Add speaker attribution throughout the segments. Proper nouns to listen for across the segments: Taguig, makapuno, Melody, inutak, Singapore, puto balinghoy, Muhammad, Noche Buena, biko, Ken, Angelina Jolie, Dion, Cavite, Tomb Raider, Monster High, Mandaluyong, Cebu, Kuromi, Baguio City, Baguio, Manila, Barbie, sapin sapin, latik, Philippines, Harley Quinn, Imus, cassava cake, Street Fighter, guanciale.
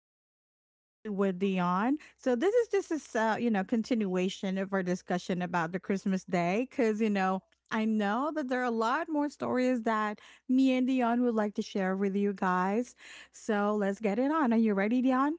Speaker 1: joining me today with Dion. So this is just a continuation of our discussion about the Christmas day because I know that there are a lot more stories that me and Dion would like to share with you guys. So let's get it on. Are you ready, Dion?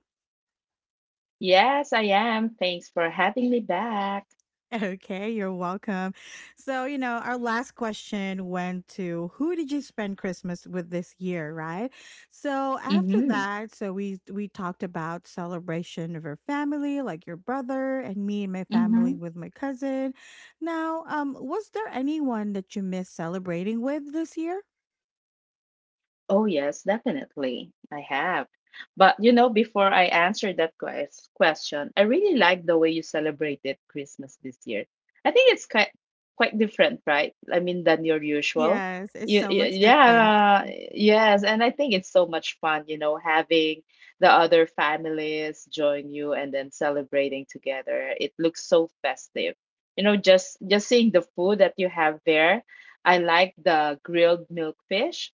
Speaker 2: Yes, I am. Thanks for having me back.
Speaker 1: Okay, you're welcome. So, our last question went to who did you spend Christmas with this year, right? So, after
Speaker 2: Mm-hmm.
Speaker 1: that, so we talked about celebration of your family, like your brother and me and my family
Speaker 2: Mm-hmm.
Speaker 1: with my cousin. Now, was there anyone that you miss celebrating with this year?
Speaker 2: Oh, yes, definitely. I have. But you know, before I answer that question, I really like the way you celebrated Christmas this year. I think it's quite different, right? I mean, than your usual.
Speaker 1: Yes, it's
Speaker 2: You,
Speaker 1: so
Speaker 2: y-
Speaker 1: much different.
Speaker 2: yeah, yes, and I think it's so much fun, you know, having the other families join you and then celebrating together. It looks so festive. You know, just seeing the food that you have there. I like the grilled milkfish,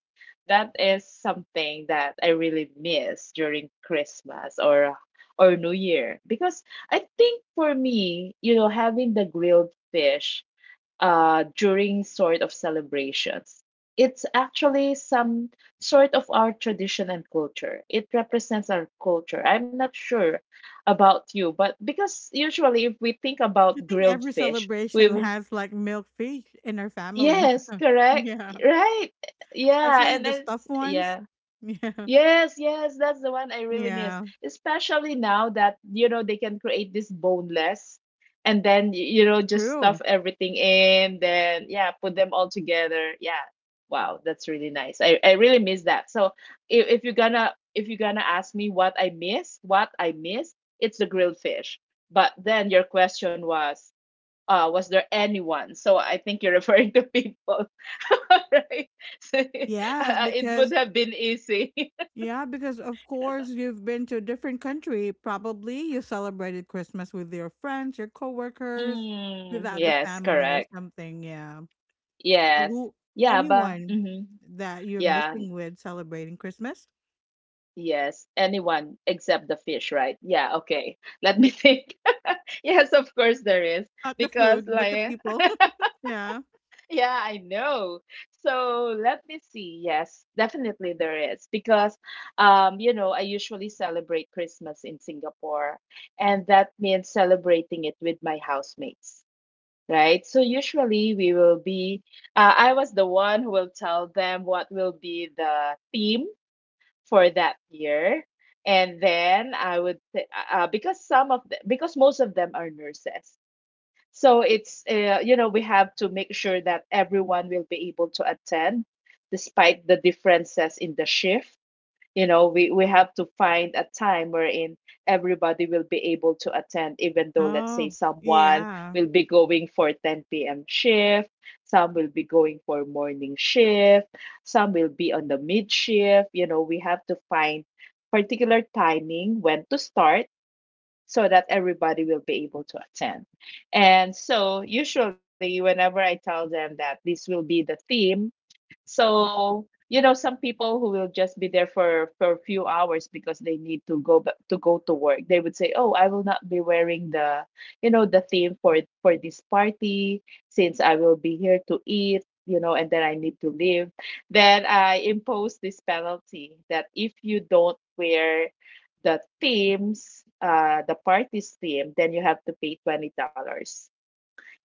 Speaker 2: that is something that I really miss during Christmas or New Year because I think for me, you know, having the grilled fish during sort of celebrations, it's actually some sort of our tradition and culture. It represents our culture. I'm not sure about you, but because usually if we think
Speaker 1: I
Speaker 2: about
Speaker 1: think
Speaker 2: grilled
Speaker 1: every
Speaker 2: fish, we
Speaker 1: celebration
Speaker 2: will—
Speaker 1: has like milk fish in our family.
Speaker 2: Yes, correct.
Speaker 1: Yeah.
Speaker 2: Right. Yeah,
Speaker 1: Especially
Speaker 2: and
Speaker 1: the
Speaker 2: then
Speaker 1: stuffed ones.
Speaker 2: yeah.
Speaker 1: Yeah.
Speaker 2: Yes, yes, that's the one I really miss.
Speaker 1: Yeah,
Speaker 2: Especially now that, you know, they can create this boneless and then, you know, just stuff
Speaker 1: true.
Speaker 2: everything in, then, yeah, put them all together. Yeah. Wow, that's really nice. I really miss that. So if you're gonna ask me what I miss, it's the grilled fish. But then your question was there anyone? So I think you're referring to people, right? So,
Speaker 1: Yes,
Speaker 2: it
Speaker 1: because
Speaker 2: would have been easy.
Speaker 1: yeah, because of course you've been to a different country. Probably you celebrated Christmas with your friends, your coworkers,
Speaker 2: Mm,
Speaker 1: without the
Speaker 2: yes,
Speaker 1: family or
Speaker 2: correct.
Speaker 1: something. Yeah. So
Speaker 2: Yes.
Speaker 1: who,
Speaker 2: Yeah, but
Speaker 1: anyone
Speaker 2: mhm,
Speaker 1: that you're
Speaker 2: yeah,
Speaker 1: missing with celebrating Christmas,
Speaker 2: yes. Anyone except the fish, right? Yeah, okay. Let me think. Yes, of course there is.
Speaker 1: not the
Speaker 2: Because
Speaker 1: food, but
Speaker 2: like
Speaker 1: the people. Yeah.
Speaker 2: yeah, I know. So let me see. Yes, definitely there is. Because you know, I usually celebrate Christmas in Singapore, and that means celebrating it with my housemates, right? So usually we will be, I was the one who will tell them what will be the theme for that year. And then I would, because because most of them are nurses. So it's, you know, we have to make sure that everyone will be able to attend despite the differences in the shift. You know, we have to find a time wherein everybody will be able to attend, even though, let's say,
Speaker 1: Oh,
Speaker 2: someone
Speaker 1: yeah.
Speaker 2: will be going for 10 p.m. shift, some will be going for morning shift, some will be on the mid shift. You know, we have to find particular timing when to start so that everybody will be able to attend. And so usually whenever I tell them that this will be the theme, so, you know, some people who will just be there for a few hours because they need to go back to go to work, they would say, "Oh, I will not be wearing the, you know, the theme for this party since I will be here to eat." You know, and then I need to leave. Then I impose this penalty that if you don't wear the themes, the party's theme, then you have to pay $20.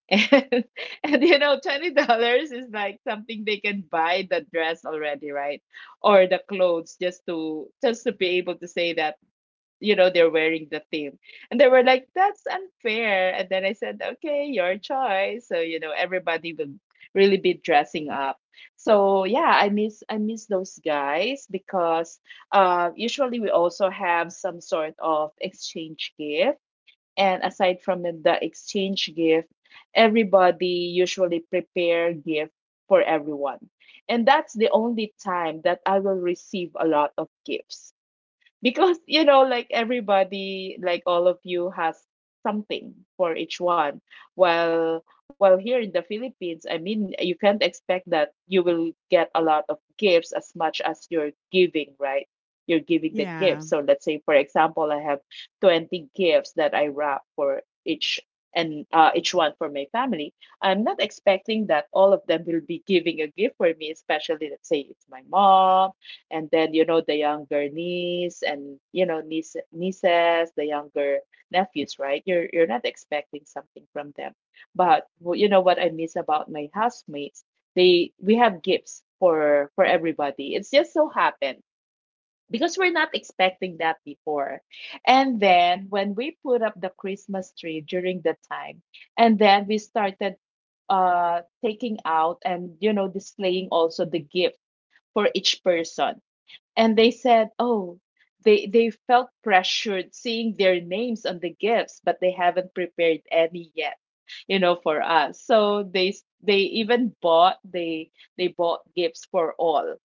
Speaker 2: And, and you know, $20 is like something they can buy the dress already, right? Or the clothes, just to be able to say that, you know, they're wearing the theme. And they were like, that's unfair. And then I said, okay, your choice. So, you know, everybody will really be dressing up. So yeah, I miss those guys because usually we also have some sort of exchange gift, and aside from it, the exchange gift, everybody usually prepare gift for everyone. And that's the only time that I will receive a lot of gifts because you know, like everybody, like all of you has something for each one, while here in the Philippines, I mean, you can't expect that you will get a lot of gifts as much as you're giving, right? You're giving the
Speaker 1: Yeah.
Speaker 2: gifts. So let's say, for example, I have 20 gifts that I wrap for each, and each one for my family. I'm not expecting that all of them will be giving a gift for me, especially let's say it's my mom, and then, you know, the younger niece, and, you know, nieces, the younger nephews, right? You're not expecting something from them. But you know what I miss about my housemates, they we have gifts for everybody. It's just so happened because we're not expecting that before. And then when we put up the Christmas tree during the time, and then we started taking out and, you know, displaying also the gift for each person, and they said, oh, they felt pressured seeing their names on the gifts, but they haven't prepared any yet, you know, for us. So they even bought, they bought gifts for all.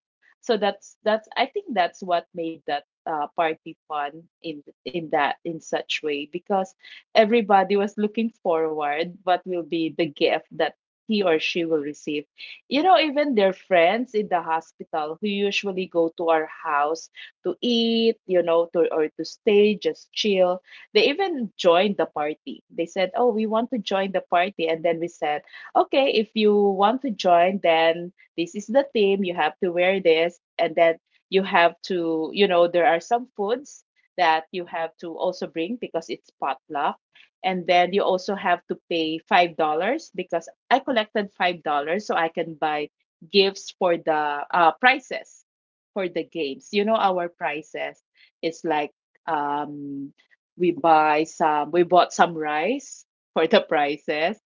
Speaker 2: So that's, I think that's what made that party fun in that in such way, because everybody was looking forward what will be the gift that he or she will receive. You know, even their friends in the hospital, who usually go to our house to eat, you know, to, or to stay, just chill, they even joined the party. They said, "Oh, we want to join the party." And then we said, "Okay, if you want to join, then this is the theme. You have to wear this, and then you have to, you know, there are some foods that you have to also bring because it's potluck." And then you also have to pay $5, because I collected $5 so I can buy gifts for the prizes for the games. You know, our prizes is like um we we bought some rice for the prices,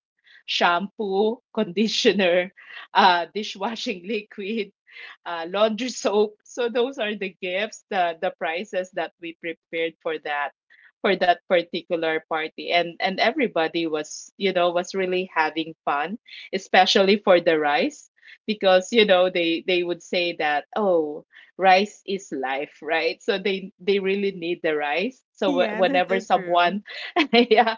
Speaker 2: shampoo, conditioner, dishwashing liquid, laundry soap. So those are the gifts, the prices that we prepared for that, for that particular party. And everybody was, you know, was really having fun, especially for the rice, because you know, they would say that, oh, rice is life, right? So they really need the rice. So wh-
Speaker 1: Yeah, that's
Speaker 2: whenever
Speaker 1: so
Speaker 2: someone,
Speaker 1: true.
Speaker 2: yeah,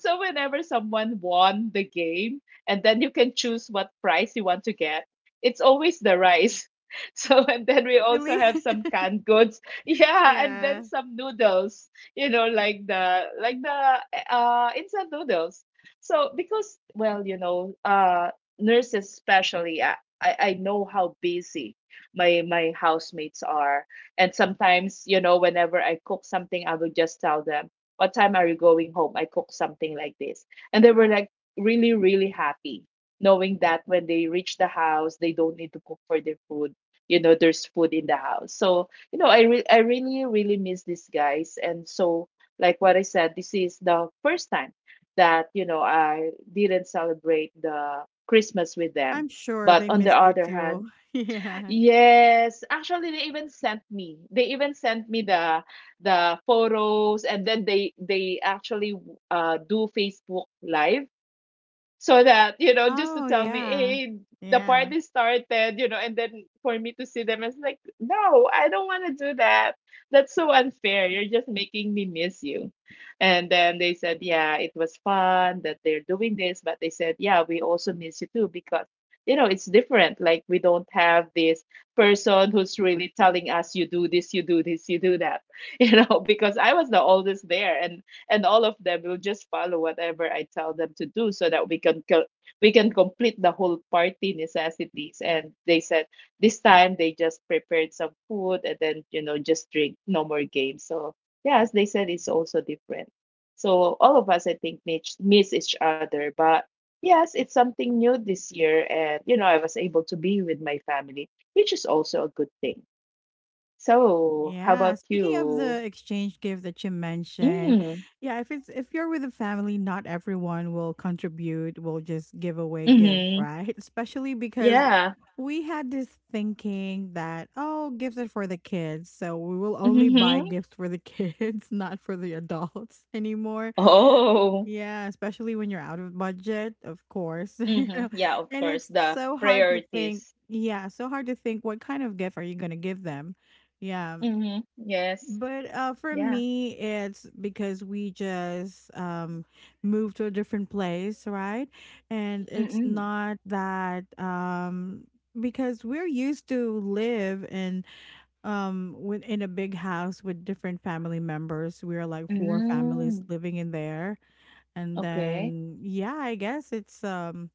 Speaker 2: so whenever someone won the game, and then you can choose what price you want to get, it's always the rice. So and then we also
Speaker 1: Really?
Speaker 2: have some canned goods, yeah, and
Speaker 1: Yeah.
Speaker 2: then some noodles, you know, like the instant noodles. So because, well, you know, nurses especially, I know how busy my housemates are. And sometimes, you know, whenever I cook something, I would just tell them, "What time are you going home? I cook something like this." And they were like really happy knowing that when they reach the house, they don't need to cook for their food. You know, there's food in the house. So, you know, I really miss these guys. And so, like what I said, this is the first time that, you know, I didn't celebrate the Christmas with them.
Speaker 1: I'm sure
Speaker 2: But
Speaker 1: they
Speaker 2: on the
Speaker 1: miss you
Speaker 2: other
Speaker 1: too.
Speaker 2: hand,
Speaker 1: Yeah.
Speaker 2: yes, actually they even sent me. They even sent me the photos, and then they actually do Facebook live so that, you know, just to
Speaker 1: Oh,
Speaker 2: tell me,
Speaker 1: yeah.
Speaker 2: hey, the
Speaker 1: Yeah.
Speaker 2: party started, you know, and then for me to see them, as like, no, I don't want to do that, that's so unfair, you're just making me miss you. And then they said, yeah, it was fun that they're doing this, but they said, yeah, we also miss you too, because, you know, it's different, like we don't have this person who's really telling us, you do this, you do that, you know, because I was the oldest there, and all of them will just follow whatever I tell them to do so that we can complete the whole party necessities. And they said this time they just prepared some food, and then, you know, just drink, no more games. So yes, they said it's also different. So all of us, I think, miss each other, but yes, it's something new this year, and you know, I was able to be with my family, which is also a good thing. So how
Speaker 1: Yeah.
Speaker 2: about
Speaker 1: Speaking of
Speaker 2: you?
Speaker 1: the exchange gift that you mentioned,
Speaker 2: Mm,
Speaker 1: yeah, if you're with a family, not everyone will contribute, will just give away gifts,
Speaker 2: mm-hmm.
Speaker 1: right? Especially because
Speaker 2: Yeah.
Speaker 1: we had this thinking that, oh, gifts are for the kids. So we will only buy
Speaker 2: Mhm.
Speaker 1: gifts for the kids, not for the adults anymore.
Speaker 2: Oh.
Speaker 1: Yeah, especially when you're out of budget, of course.
Speaker 2: Mhm. Yeah, of
Speaker 1: And
Speaker 2: course,
Speaker 1: it's
Speaker 2: the
Speaker 1: so hard to
Speaker 2: priorities.
Speaker 1: think, yeah, so hard to think what kind of gift are you going to give them? Yeah.
Speaker 2: Mhm. Yes.
Speaker 1: But for
Speaker 2: Yeah.
Speaker 1: me it's because we just moved to a different place, right? And it's
Speaker 2: Mm-mm.
Speaker 1: not that because we're used to live in with in a big house with different family members. We're like four families
Speaker 2: Mm.
Speaker 1: living in there and
Speaker 2: Okay.
Speaker 1: then yeah, I guess it's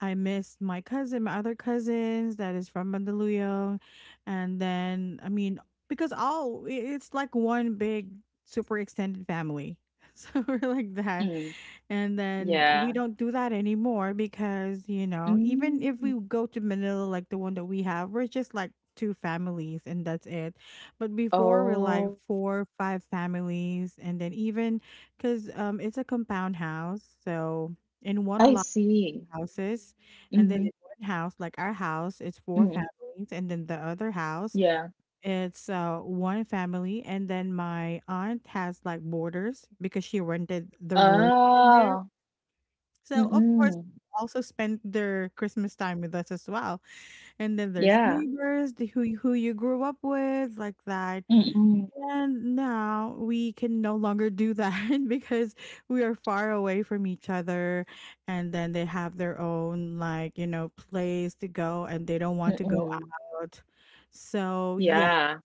Speaker 1: I missed my cousin, my other cousins that is from Mandaluyong. And then I mean because it's like one big super extended family. So we're like that.
Speaker 2: Mm.
Speaker 1: And then
Speaker 2: Yeah.
Speaker 1: we don't do that anymore because, even if
Speaker 2: Mm.
Speaker 1: we go to Manila, like the one that we have, we're just like two families and that's it. But before we're like
Speaker 2: Oh,
Speaker 1: four, five families. And then even because it's a compound house. So in one
Speaker 2: I
Speaker 1: lot,
Speaker 2: see.
Speaker 1: houses. And then
Speaker 2: Mhm.
Speaker 1: in one house, like our house, it's four
Speaker 2: Mm.
Speaker 1: families. And then the other house,
Speaker 2: Yeah.
Speaker 1: it's one family. And then my aunt has like borders because she rented the room in there
Speaker 2: Oh.
Speaker 1: so of course,
Speaker 2: Mm-mm.
Speaker 1: also spend their Christmas time with us as well. And then there's
Speaker 2: Yeah.
Speaker 1: neighbors who you grew up with like that.
Speaker 2: Mm-mm.
Speaker 1: And now we can no longer do that because we are far away from each other. And then they have their own like place to go, and they don't want to go
Speaker 2: Mm-mm.
Speaker 1: out. So yeah,
Speaker 2: Yeah.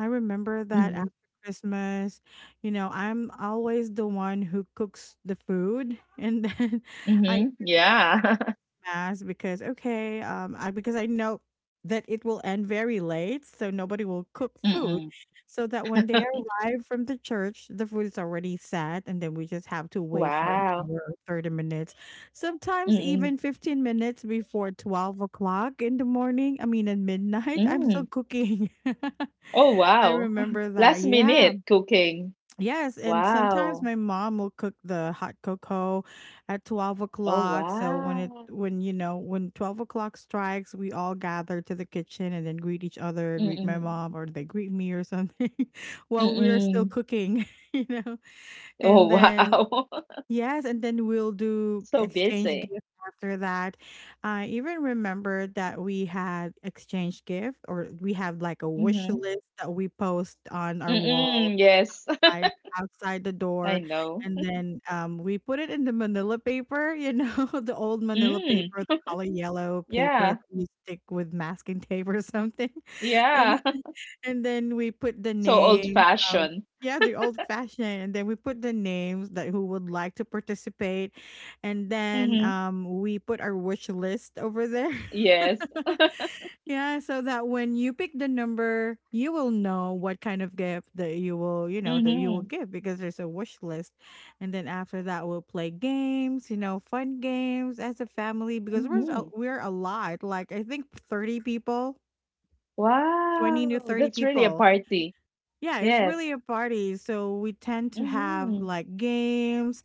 Speaker 1: I remember that
Speaker 2: Mhm.
Speaker 1: after Christmas, I'm always the one who cooks the food, and then I
Speaker 2: Mhm. Yeah.
Speaker 1: mass because okay, because I know that it will end very late, so nobody will cook food,
Speaker 2: Mm-mm.
Speaker 1: so that when they arrive from the church, the food is already set, and then we just have to wait for an
Speaker 2: Wow.
Speaker 1: hour or 30 minutes, sometimes
Speaker 2: Mm-mm.
Speaker 1: even 15 minutes before 12 o'clock in the morning. I mean, at midnight, I'm still
Speaker 2: Mm.
Speaker 1: cooking.
Speaker 2: Oh,
Speaker 1: I
Speaker 2: wow.
Speaker 1: remember that.
Speaker 2: Last
Speaker 1: Yeah.
Speaker 2: minute cooking.
Speaker 1: Yes, and sometimes
Speaker 2: Wow.
Speaker 1: my mom will cook the hot cocoa at twelve
Speaker 2: Oh,
Speaker 1: o'clock. So
Speaker 2: wow.
Speaker 1: when you know when 12 o'clock strikes, we all gather to the kitchen and then greet each other, greet my
Speaker 2: Mm-mm.
Speaker 1: mom, or they greet me or something, while we are still
Speaker 2: Mm-mm.
Speaker 1: cooking. you know.
Speaker 2: Oh,
Speaker 1: And then
Speaker 2: wow.
Speaker 1: yes, and then we'll do
Speaker 2: So
Speaker 1: exchange
Speaker 2: busy.
Speaker 1: gift after that. I even remember that we had exchange gift, or we have like a wish
Speaker 2: Mm-hmm.
Speaker 1: list that we post on our wall
Speaker 2: Mm-mm. Yes,
Speaker 1: outside the
Speaker 2: I
Speaker 1: door
Speaker 2: know.
Speaker 1: and then we put it in the manila paper the old manila
Speaker 2: Mm.
Speaker 1: paper the color yellow paper
Speaker 2: Yeah.
Speaker 1: that we stick with masking tape or something and
Speaker 2: Yeah.
Speaker 1: and then we put the
Speaker 2: So
Speaker 1: names of
Speaker 2: old-fashioned.
Speaker 1: yeah the old fashioned and then we put the names that who would like to participate and then
Speaker 2: Mm-hmm.
Speaker 1: we put our wish list over there.
Speaker 2: Yeah.
Speaker 1: Yeah, so that when you pick the number, you will know what kind of gift that you will, that you will
Speaker 2: Mm-hmm.
Speaker 1: give because there's a wish list. And then after that, we'll play games, you know, fun games as a family because
Speaker 2: Mm-hmm.
Speaker 1: we're a lot, like I think 30 people, 20 to
Speaker 2: Wow.
Speaker 1: 30
Speaker 2: That's really a
Speaker 1: people.
Speaker 2: party.
Speaker 1: Yeah, it's
Speaker 2: Yes.
Speaker 1: really a party. So we tend to have
Speaker 2: Mm-hmm.
Speaker 1: like games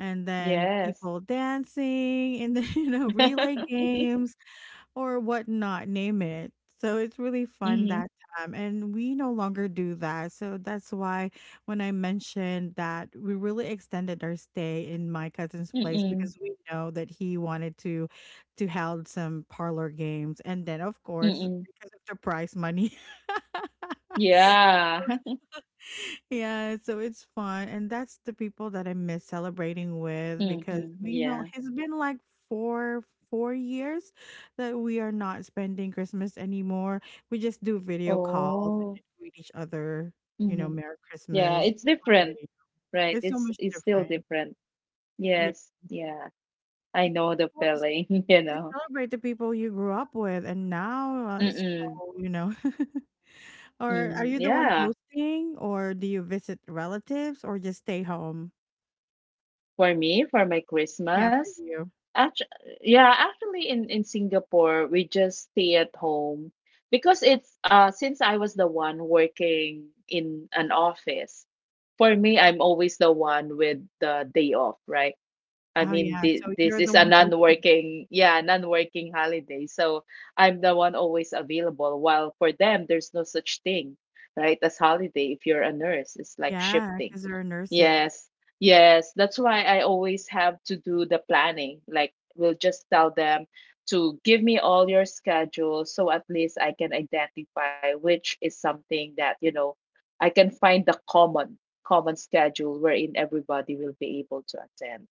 Speaker 1: and then
Speaker 2: Yes.
Speaker 1: people dancing and then, you know, relay games or whatnot, name it. So it's really fun
Speaker 2: Mm-hmm.
Speaker 1: that time. And we no longer do that. So that's why when I mentioned that we really extended our stay in my cousin's place
Speaker 2: Mm-mm.
Speaker 1: because we know that he wanted to held some parlor games. And then of course
Speaker 2: Mm-mm.
Speaker 1: because of the prize money.
Speaker 2: Yeah.
Speaker 1: Yeah, so it's fun. And that's the people that I miss celebrating with because
Speaker 2: Mhm.
Speaker 1: we
Speaker 2: Yeah.
Speaker 1: know it's been like four four years that we are not spending Christmas anymore. We just do video calls
Speaker 2: Oh.
Speaker 1: and greet each other,
Speaker 2: Mhm.
Speaker 1: Merry
Speaker 2: Yeah,
Speaker 1: Christmas
Speaker 2: it's
Speaker 1: on
Speaker 2: different,
Speaker 1: video.
Speaker 2: right?
Speaker 1: It's so
Speaker 2: It's
Speaker 1: much
Speaker 2: still
Speaker 1: different.
Speaker 2: different.
Speaker 1: Yeah.
Speaker 2: Yes. Yeah. I know the
Speaker 1: Of course,
Speaker 2: feeling,
Speaker 1: you celebrate the people you grew up with and now it's
Speaker 2: Mm-mm.
Speaker 1: so. Or are
Speaker 2: Mm,
Speaker 1: you the one
Speaker 2: yeah.
Speaker 1: hosting or do you visit relatives or just stay home?
Speaker 2: For me, for my
Speaker 1: Yeah, for
Speaker 2: Christmas,
Speaker 1: you.
Speaker 2: actually, yeah, actually in Singapore, we just stay at home because it's since I was the one working in an office, for me, I'm always the one with the day off, right? I
Speaker 1: Oh,
Speaker 2: mean,
Speaker 1: yeah, so
Speaker 2: this
Speaker 1: you're the
Speaker 2: is a
Speaker 1: one hosting it.
Speaker 2: non-working, yeah, non-working holiday. So I'm the one always available. While for them, there's no such thing, right? As holiday, if you're a nurse, it's like
Speaker 1: Yeah,
Speaker 2: shifting.
Speaker 1: because 'cause they're nurses.
Speaker 2: Yes. Yes. That's why I always have to do the planning. Like, we'll just tell them to give me all your schedule so at least I can identify which is something that, you know, I can find the common schedule wherein everybody will be able to attend.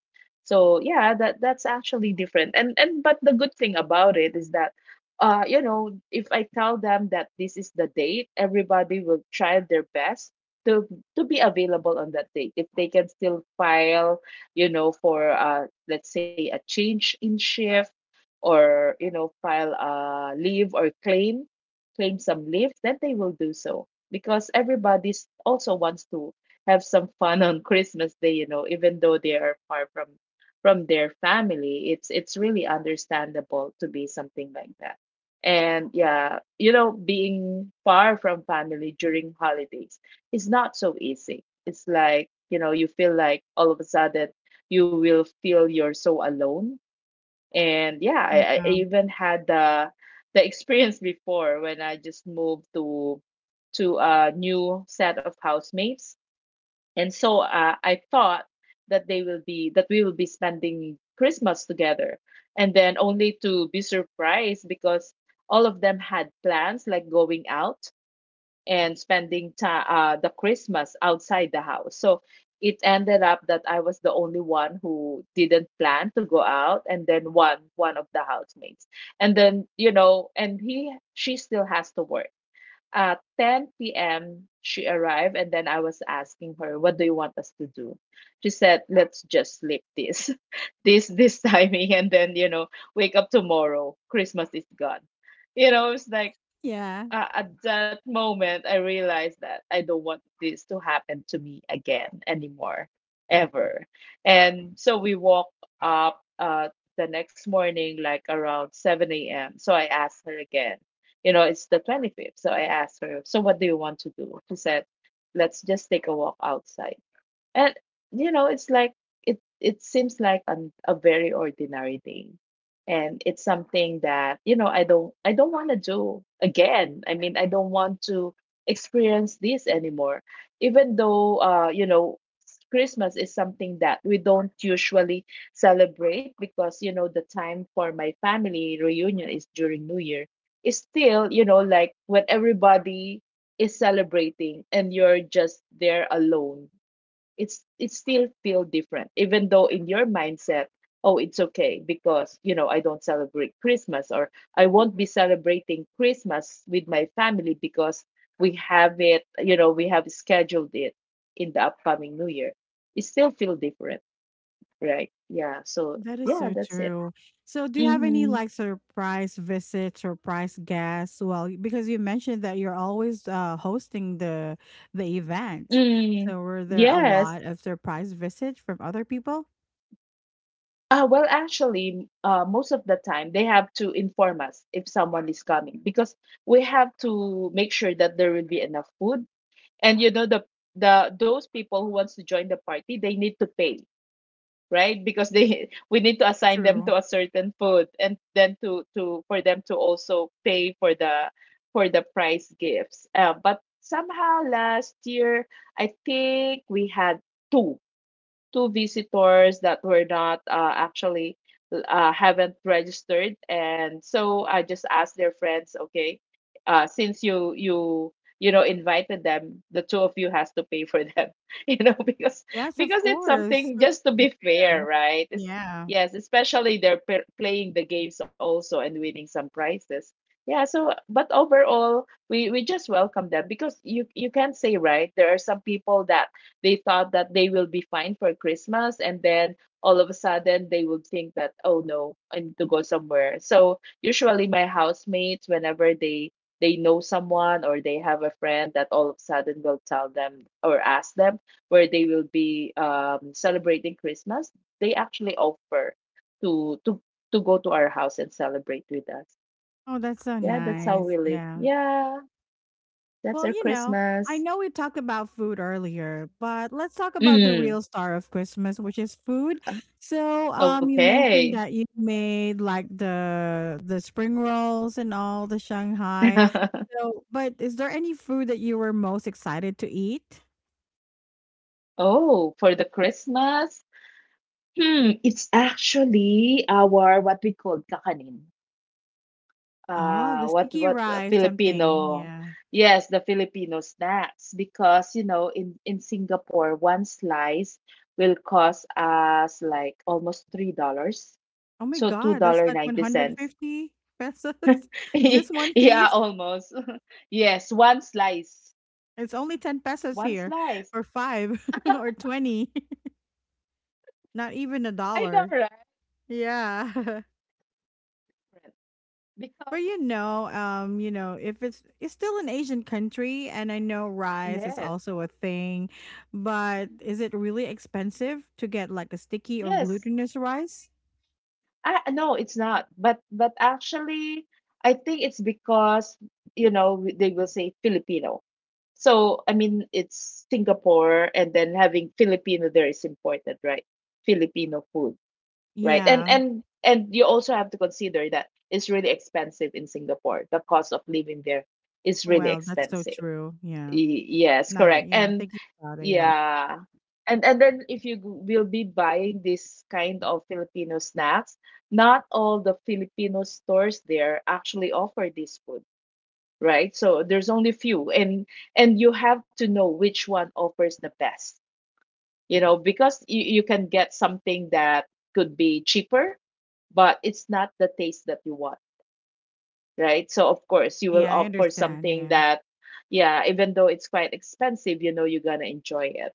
Speaker 2: So yeah, that's actually different. And but the good thing about it is that if I tell them that this is the date, everybody will try their best to to be available on that date if they can still file for let's say a change in shift or file a leave or claim some leave, then they will do so because everybody also wants to have some fun on Christmas Day, even though they are far from their family. It's really understandable to be something like that. And yeah, being far from family during holidays, it's not so easy. It's like, you feel like all of a sudden you will feel you're so alone. And yeah, I,
Speaker 1: Yeah.
Speaker 2: I even had the experience before when I just moved to a new set of housemates. And so I thought that we will be spending Christmas together. And then only to be surprised because all of them had plans like going out and spending time the Christmas outside the house. So it ended up that I was the only one who didn't plan to go out, and then one of the housemates, and then you know, and he she still has to work. At 10 p.m. she arrived, and then I was asking her, "What do you want us to do?" She said, "Let's just sleep this, this timing, and then wake up tomorrow. Christmas is gone." You know, it's like
Speaker 1: Yeah.
Speaker 2: At that moment, I realized that I don't want this to happen to me again anymore, ever. And so we woke up the next morning, like around 7 a.m. So I asked her again, it's the 25th. So I asked her, "So what do you want to do?" She said, "Let's just take a walk outside." And it's like it seems like a very ordinary day. And it's something that, I don't want to do again. I mean, I don't want to experience this anymore. Even though Christmas is something that we don't usually celebrate because, the time for my family reunion is during New Year. It's still, like when everybody is celebrating and you're just there alone, it still feel different, even though in your mindset, oh, it's okay because I don't celebrate Christmas, or I won't be celebrating Christmas with my family because we have scheduled it in the upcoming New Year. It still feel different, right? Yeah, so
Speaker 1: That is
Speaker 2: yeah,
Speaker 1: so
Speaker 2: that's it.
Speaker 1: true. So, do you have any,
Speaker 2: Mm-hmm.
Speaker 1: like, surprise visits, surprise guests? Well, because you mentioned that you're always, hosting the event.
Speaker 2: Mm.
Speaker 1: So, were there a
Speaker 2: Yes.
Speaker 1: lot of surprise visits from other people?
Speaker 2: Well, actually, most of the time they have to inform us if someone is coming because we have to make sure that there will be enough food. And you know, the those people who wants to join the party, they need to pay, right? Because they we need to assign them
Speaker 1: True.
Speaker 2: to a certain food and then to for them to also pay for the prize gifts. But somehow last year, I think we had two two visitors that were not actually haven't registered, and so I just asked their friends, okay, since you know invited them, the two of you has to pay for them, you know, because
Speaker 1: Yes, of
Speaker 2: because it's something
Speaker 1: course. So it
Speaker 2: just to
Speaker 1: would be
Speaker 2: be
Speaker 1: fair.
Speaker 2: fair, right?
Speaker 1: Yeah.
Speaker 2: Yes, especially they're playing the games also and winning some prizes. Yeah, so but overall, we just welcome them because you can't say, right? There are some people that they thought that they will be fine for Christmas, and then all of a sudden they would think that, oh no, I need to go somewhere. So usually my housemates, whenever they know someone or they have a friend that all of a sudden will tell them or ask them where they will be celebrating Christmas, they actually offer to to to go to our house and celebrate with us.
Speaker 1: Oh, that's so
Speaker 2: Yeah, that's how
Speaker 1: nice.
Speaker 2: we live.
Speaker 1: Yeah.
Speaker 2: Yeah, that's
Speaker 1: Well,
Speaker 2: our Christmas.
Speaker 1: I know we talked about food earlier, but let's talk about the real
Speaker 2: Mm.
Speaker 1: star of Christmas, which is food. So, you mentioned
Speaker 2: Okay.
Speaker 1: that you made like the spring rolls and all the Shanghai. So, but is there any food that you were most excited to eat?
Speaker 2: Oh, for the Christmas? Hmm, it's actually our what we call kakanin.
Speaker 1: Oh, the
Speaker 2: Uh, what
Speaker 1: sticky
Speaker 2: what uh,
Speaker 1: rice, something.
Speaker 2: Filipino?
Speaker 1: Yeah.
Speaker 2: Yes, the Filipino snacks because in Singapore one slice will cost us like almost $3.
Speaker 1: Oh my
Speaker 2: So two
Speaker 1: God, that's
Speaker 2: dollar
Speaker 1: like
Speaker 2: ninety cents.
Speaker 1: 150 pesos. Just one
Speaker 2: Yeah,
Speaker 1: piece.
Speaker 2: almost. Yes, one slice.
Speaker 1: It's only 10 pesos
Speaker 2: One
Speaker 1: here,
Speaker 2: slice.
Speaker 1: or five, or 20 not even a
Speaker 2: I know,
Speaker 1: dollar.
Speaker 2: right?
Speaker 1: Yeah. But
Speaker 2: Because
Speaker 1: if it's still an Asian country and I know rice is
Speaker 2: yes.
Speaker 1: also a thing, but is it really expensive to get like a sticky or glutinous rice?
Speaker 2: Ah, no, it's not. But actually, I think it's because they will say Filipino. So I mean, it's Singapore, and then having Filipino there is important, right? Filipino food, right? And
Speaker 1: Yeah.
Speaker 2: and and you also have to consider that it's really expensive in Singapore. The cost of living there is
Speaker 1: Oh,
Speaker 2: really
Speaker 1: well, that's so
Speaker 2: expensive.
Speaker 1: true. Yeah.
Speaker 2: Yes,
Speaker 1: Not
Speaker 2: correct.
Speaker 1: yeah,
Speaker 2: And
Speaker 1: thinking about it, yeah.
Speaker 2: yeah. And then if you will be buying this kind of Filipino snacks, not all the Filipino stores there actually offer this food, right? So there's only few, and you have to know which one offers the best, because you can get something that could be cheaper, but it's not the taste that you want, right? So of course you will
Speaker 1: Yeah, I
Speaker 2: opt for
Speaker 1: understand.
Speaker 2: something
Speaker 1: Yeah.
Speaker 2: that, yeah, even though it's quite expensive, you're gonna enjoy it,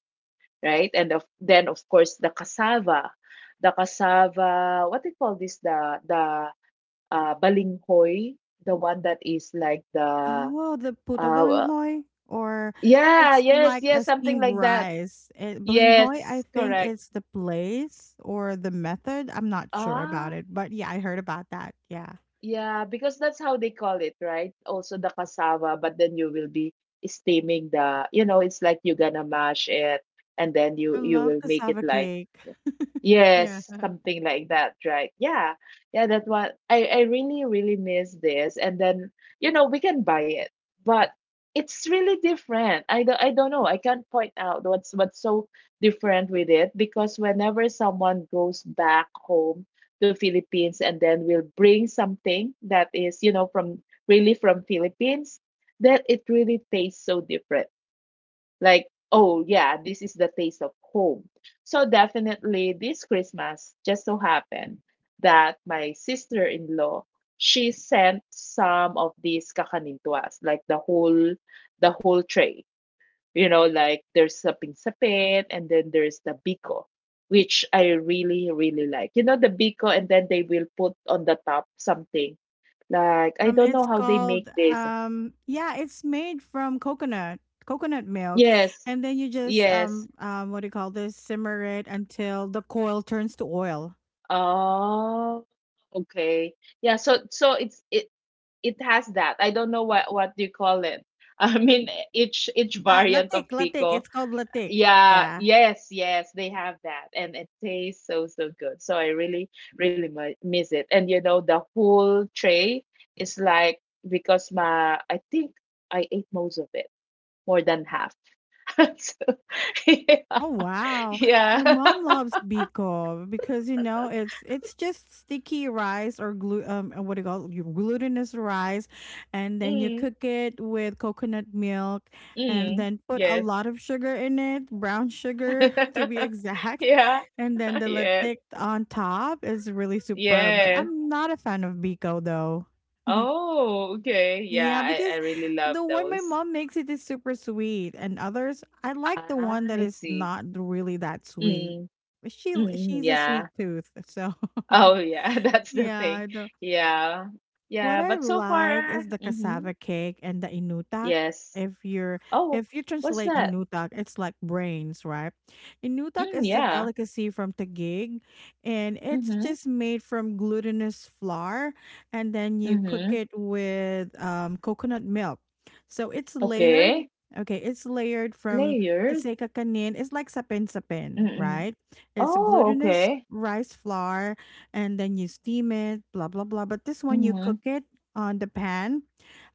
Speaker 2: right? And then of course the cassava, the cassava. What do you call this? The balinghoy, the one that is like the
Speaker 1: Oh, the puto
Speaker 2: uh,
Speaker 1: balinghoy or
Speaker 2: yeah,
Speaker 1: it's
Speaker 2: yes,
Speaker 1: like a
Speaker 2: yes, something
Speaker 1: steamed
Speaker 2: like
Speaker 1: rice.
Speaker 2: yes,
Speaker 1: Balinghoy, I think
Speaker 2: correct.
Speaker 1: it's the place or the method. I'm not sure about
Speaker 2: Ah,
Speaker 1: it, but yeah, I heard about that. Yeah.
Speaker 2: yeah, because that's how they call it, right? Also the cassava, but then you will be steaming it's like you're gonna mash it, and then you
Speaker 1: I
Speaker 2: you
Speaker 1: love
Speaker 2: will make it
Speaker 1: cassava
Speaker 2: like
Speaker 1: cake. Yeah.
Speaker 2: yes, something like that, right? Yeah. Yeah, that's what I really, really miss this. And then, we can buy it, but it's really different. I don't know. I can't point out what's so different with it because whenever someone goes back home to Philippines and then will bring something that is, from really from Philippines, then it really tastes so different, like oh yeah, this is the taste of home. So definitely this Christmas just so happened that my sister-in-law she sent some of these kakanintuas, like the whole tray, like there's the pinsapit and then there's the biko, which I really really like, the biko, and then they will put on the top something like I don't
Speaker 1: It's
Speaker 2: know how they make
Speaker 1: called
Speaker 2: this.
Speaker 1: yeah, it's made from coconut, coconut milk,
Speaker 2: Yes,
Speaker 1: and then you just
Speaker 2: yes.
Speaker 1: what do you call this? Simmer it until the coil turns to oil.
Speaker 2: Oh, okay. Yeah, so it has that. I don't know what you call it. I mean each variant of
Speaker 1: Latik, latik.
Speaker 2: pico.
Speaker 1: It's called latik.
Speaker 2: Yeah,
Speaker 1: Yeah.
Speaker 2: yes, yes, they have that and it tastes so so good. So I really really miss it. And the whole tray is like, because my I think I ate most of it, more than half. So, yeah.
Speaker 1: Oh wow.
Speaker 2: Yeah.
Speaker 1: My mom loves biko because it's just sticky rice or glu what do you call it? Your glutinous rice and then you
Speaker 2: Mm,
Speaker 1: cook it with coconut milk and
Speaker 2: mm,
Speaker 1: then put a
Speaker 2: yes.
Speaker 1: lot of sugar in it, brown sugar to be exact.
Speaker 2: Yeah.
Speaker 1: And then the
Speaker 2: Yes.
Speaker 1: latik on top is really superb. But
Speaker 2: Yes.
Speaker 1: I'm not a fan of biko though.
Speaker 2: Oh, okay. Yeah,
Speaker 1: Yeah,
Speaker 2: I
Speaker 1: because
Speaker 2: really love
Speaker 1: the one my
Speaker 2: those.
Speaker 1: mom makes it is super sweet, and others I like the
Speaker 2: Ah,
Speaker 1: one that
Speaker 2: I
Speaker 1: is
Speaker 2: see.
Speaker 1: not really that sweet.
Speaker 2: Mm,
Speaker 1: But
Speaker 2: mm,
Speaker 1: she's a
Speaker 2: yeah.
Speaker 1: sweet tooth, so
Speaker 2: Oh, yeah. That's the
Speaker 1: yeah.
Speaker 2: thing.
Speaker 1: I don't-
Speaker 2: Yeah.
Speaker 1: what
Speaker 2: Yeah.
Speaker 1: I
Speaker 2: But so
Speaker 1: like
Speaker 2: far,
Speaker 1: is the
Speaker 2: mm-hmm.
Speaker 1: cassava cake and the inutak.
Speaker 2: Yes.
Speaker 1: If you're
Speaker 2: Oh,
Speaker 1: if you
Speaker 2: what's
Speaker 1: translate
Speaker 2: that?
Speaker 1: inutak, it's like brains, right? Inutak
Speaker 2: Mm,
Speaker 1: is a
Speaker 2: yeah.
Speaker 1: delicacy from Taguig, and it's
Speaker 2: Mm-hmm.
Speaker 1: just made from glutinous flour, and then you cook
Speaker 2: Mm-hmm.
Speaker 1: it with coconut milk. So it's layered.
Speaker 2: Okay.
Speaker 1: Okay, it's layered from let's
Speaker 2: Layered.
Speaker 1: say kakanin. It's like sapin sapin,
Speaker 2: Mm-mm.
Speaker 1: right? It's
Speaker 2: Oh,
Speaker 1: glutinous
Speaker 2: okay.
Speaker 1: rice flour and then you steam it, blah, blah, blah. But this one, you
Speaker 2: Mm-hmm.
Speaker 1: cook it on the pan,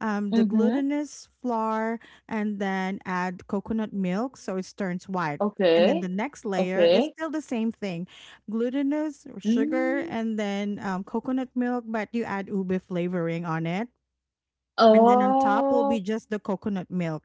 Speaker 1: the
Speaker 2: Mm-hmm.
Speaker 1: glutinous flour, and then add coconut milk so it turns white. And then
Speaker 2: Okay.
Speaker 1: the next layer is
Speaker 2: Okay.
Speaker 1: still the same thing glutinous or sugar,
Speaker 2: Mm.
Speaker 1: and then coconut milk, but you add ube flavoring on it and then on top will be
Speaker 2: Oh.
Speaker 1: just the coconut milk.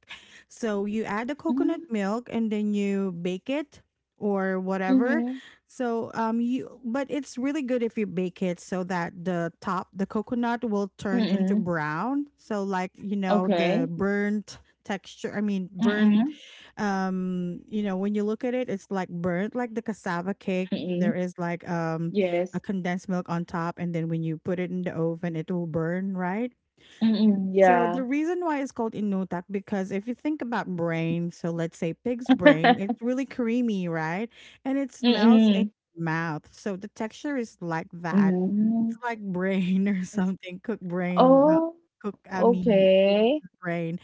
Speaker 1: So you add the coconut
Speaker 2: Mm-hmm.
Speaker 1: milk and then you bake it or whatever.
Speaker 2: Mhm,
Speaker 1: So you but it's really good if you bake it so that the top, the coconut, will turn into
Speaker 2: mm,
Speaker 1: brown. So, like, the
Speaker 2: okay.
Speaker 1: burnt texture. I mean burnt,
Speaker 2: Mm,
Speaker 1: when you look at it, it's like burnt. Like the cassava cake,
Speaker 2: mm,
Speaker 1: there is, like, a
Speaker 2: yes.
Speaker 1: condensed milk on top, and then when you put it in the oven, it will burn, right?
Speaker 2: Mm,
Speaker 1: So the
Speaker 2: yeah.
Speaker 1: reason why it's called inutak, because if you think about brain, so let's say pig's brain, it's really creamy, right? And it smells in
Speaker 2: Mm,
Speaker 1: your mouth. So the texture is like that. It's
Speaker 2: mm.
Speaker 1: like brain or something, cooked brain,
Speaker 2: Oh,
Speaker 1: cook I mean
Speaker 2: okay.
Speaker 1: brain,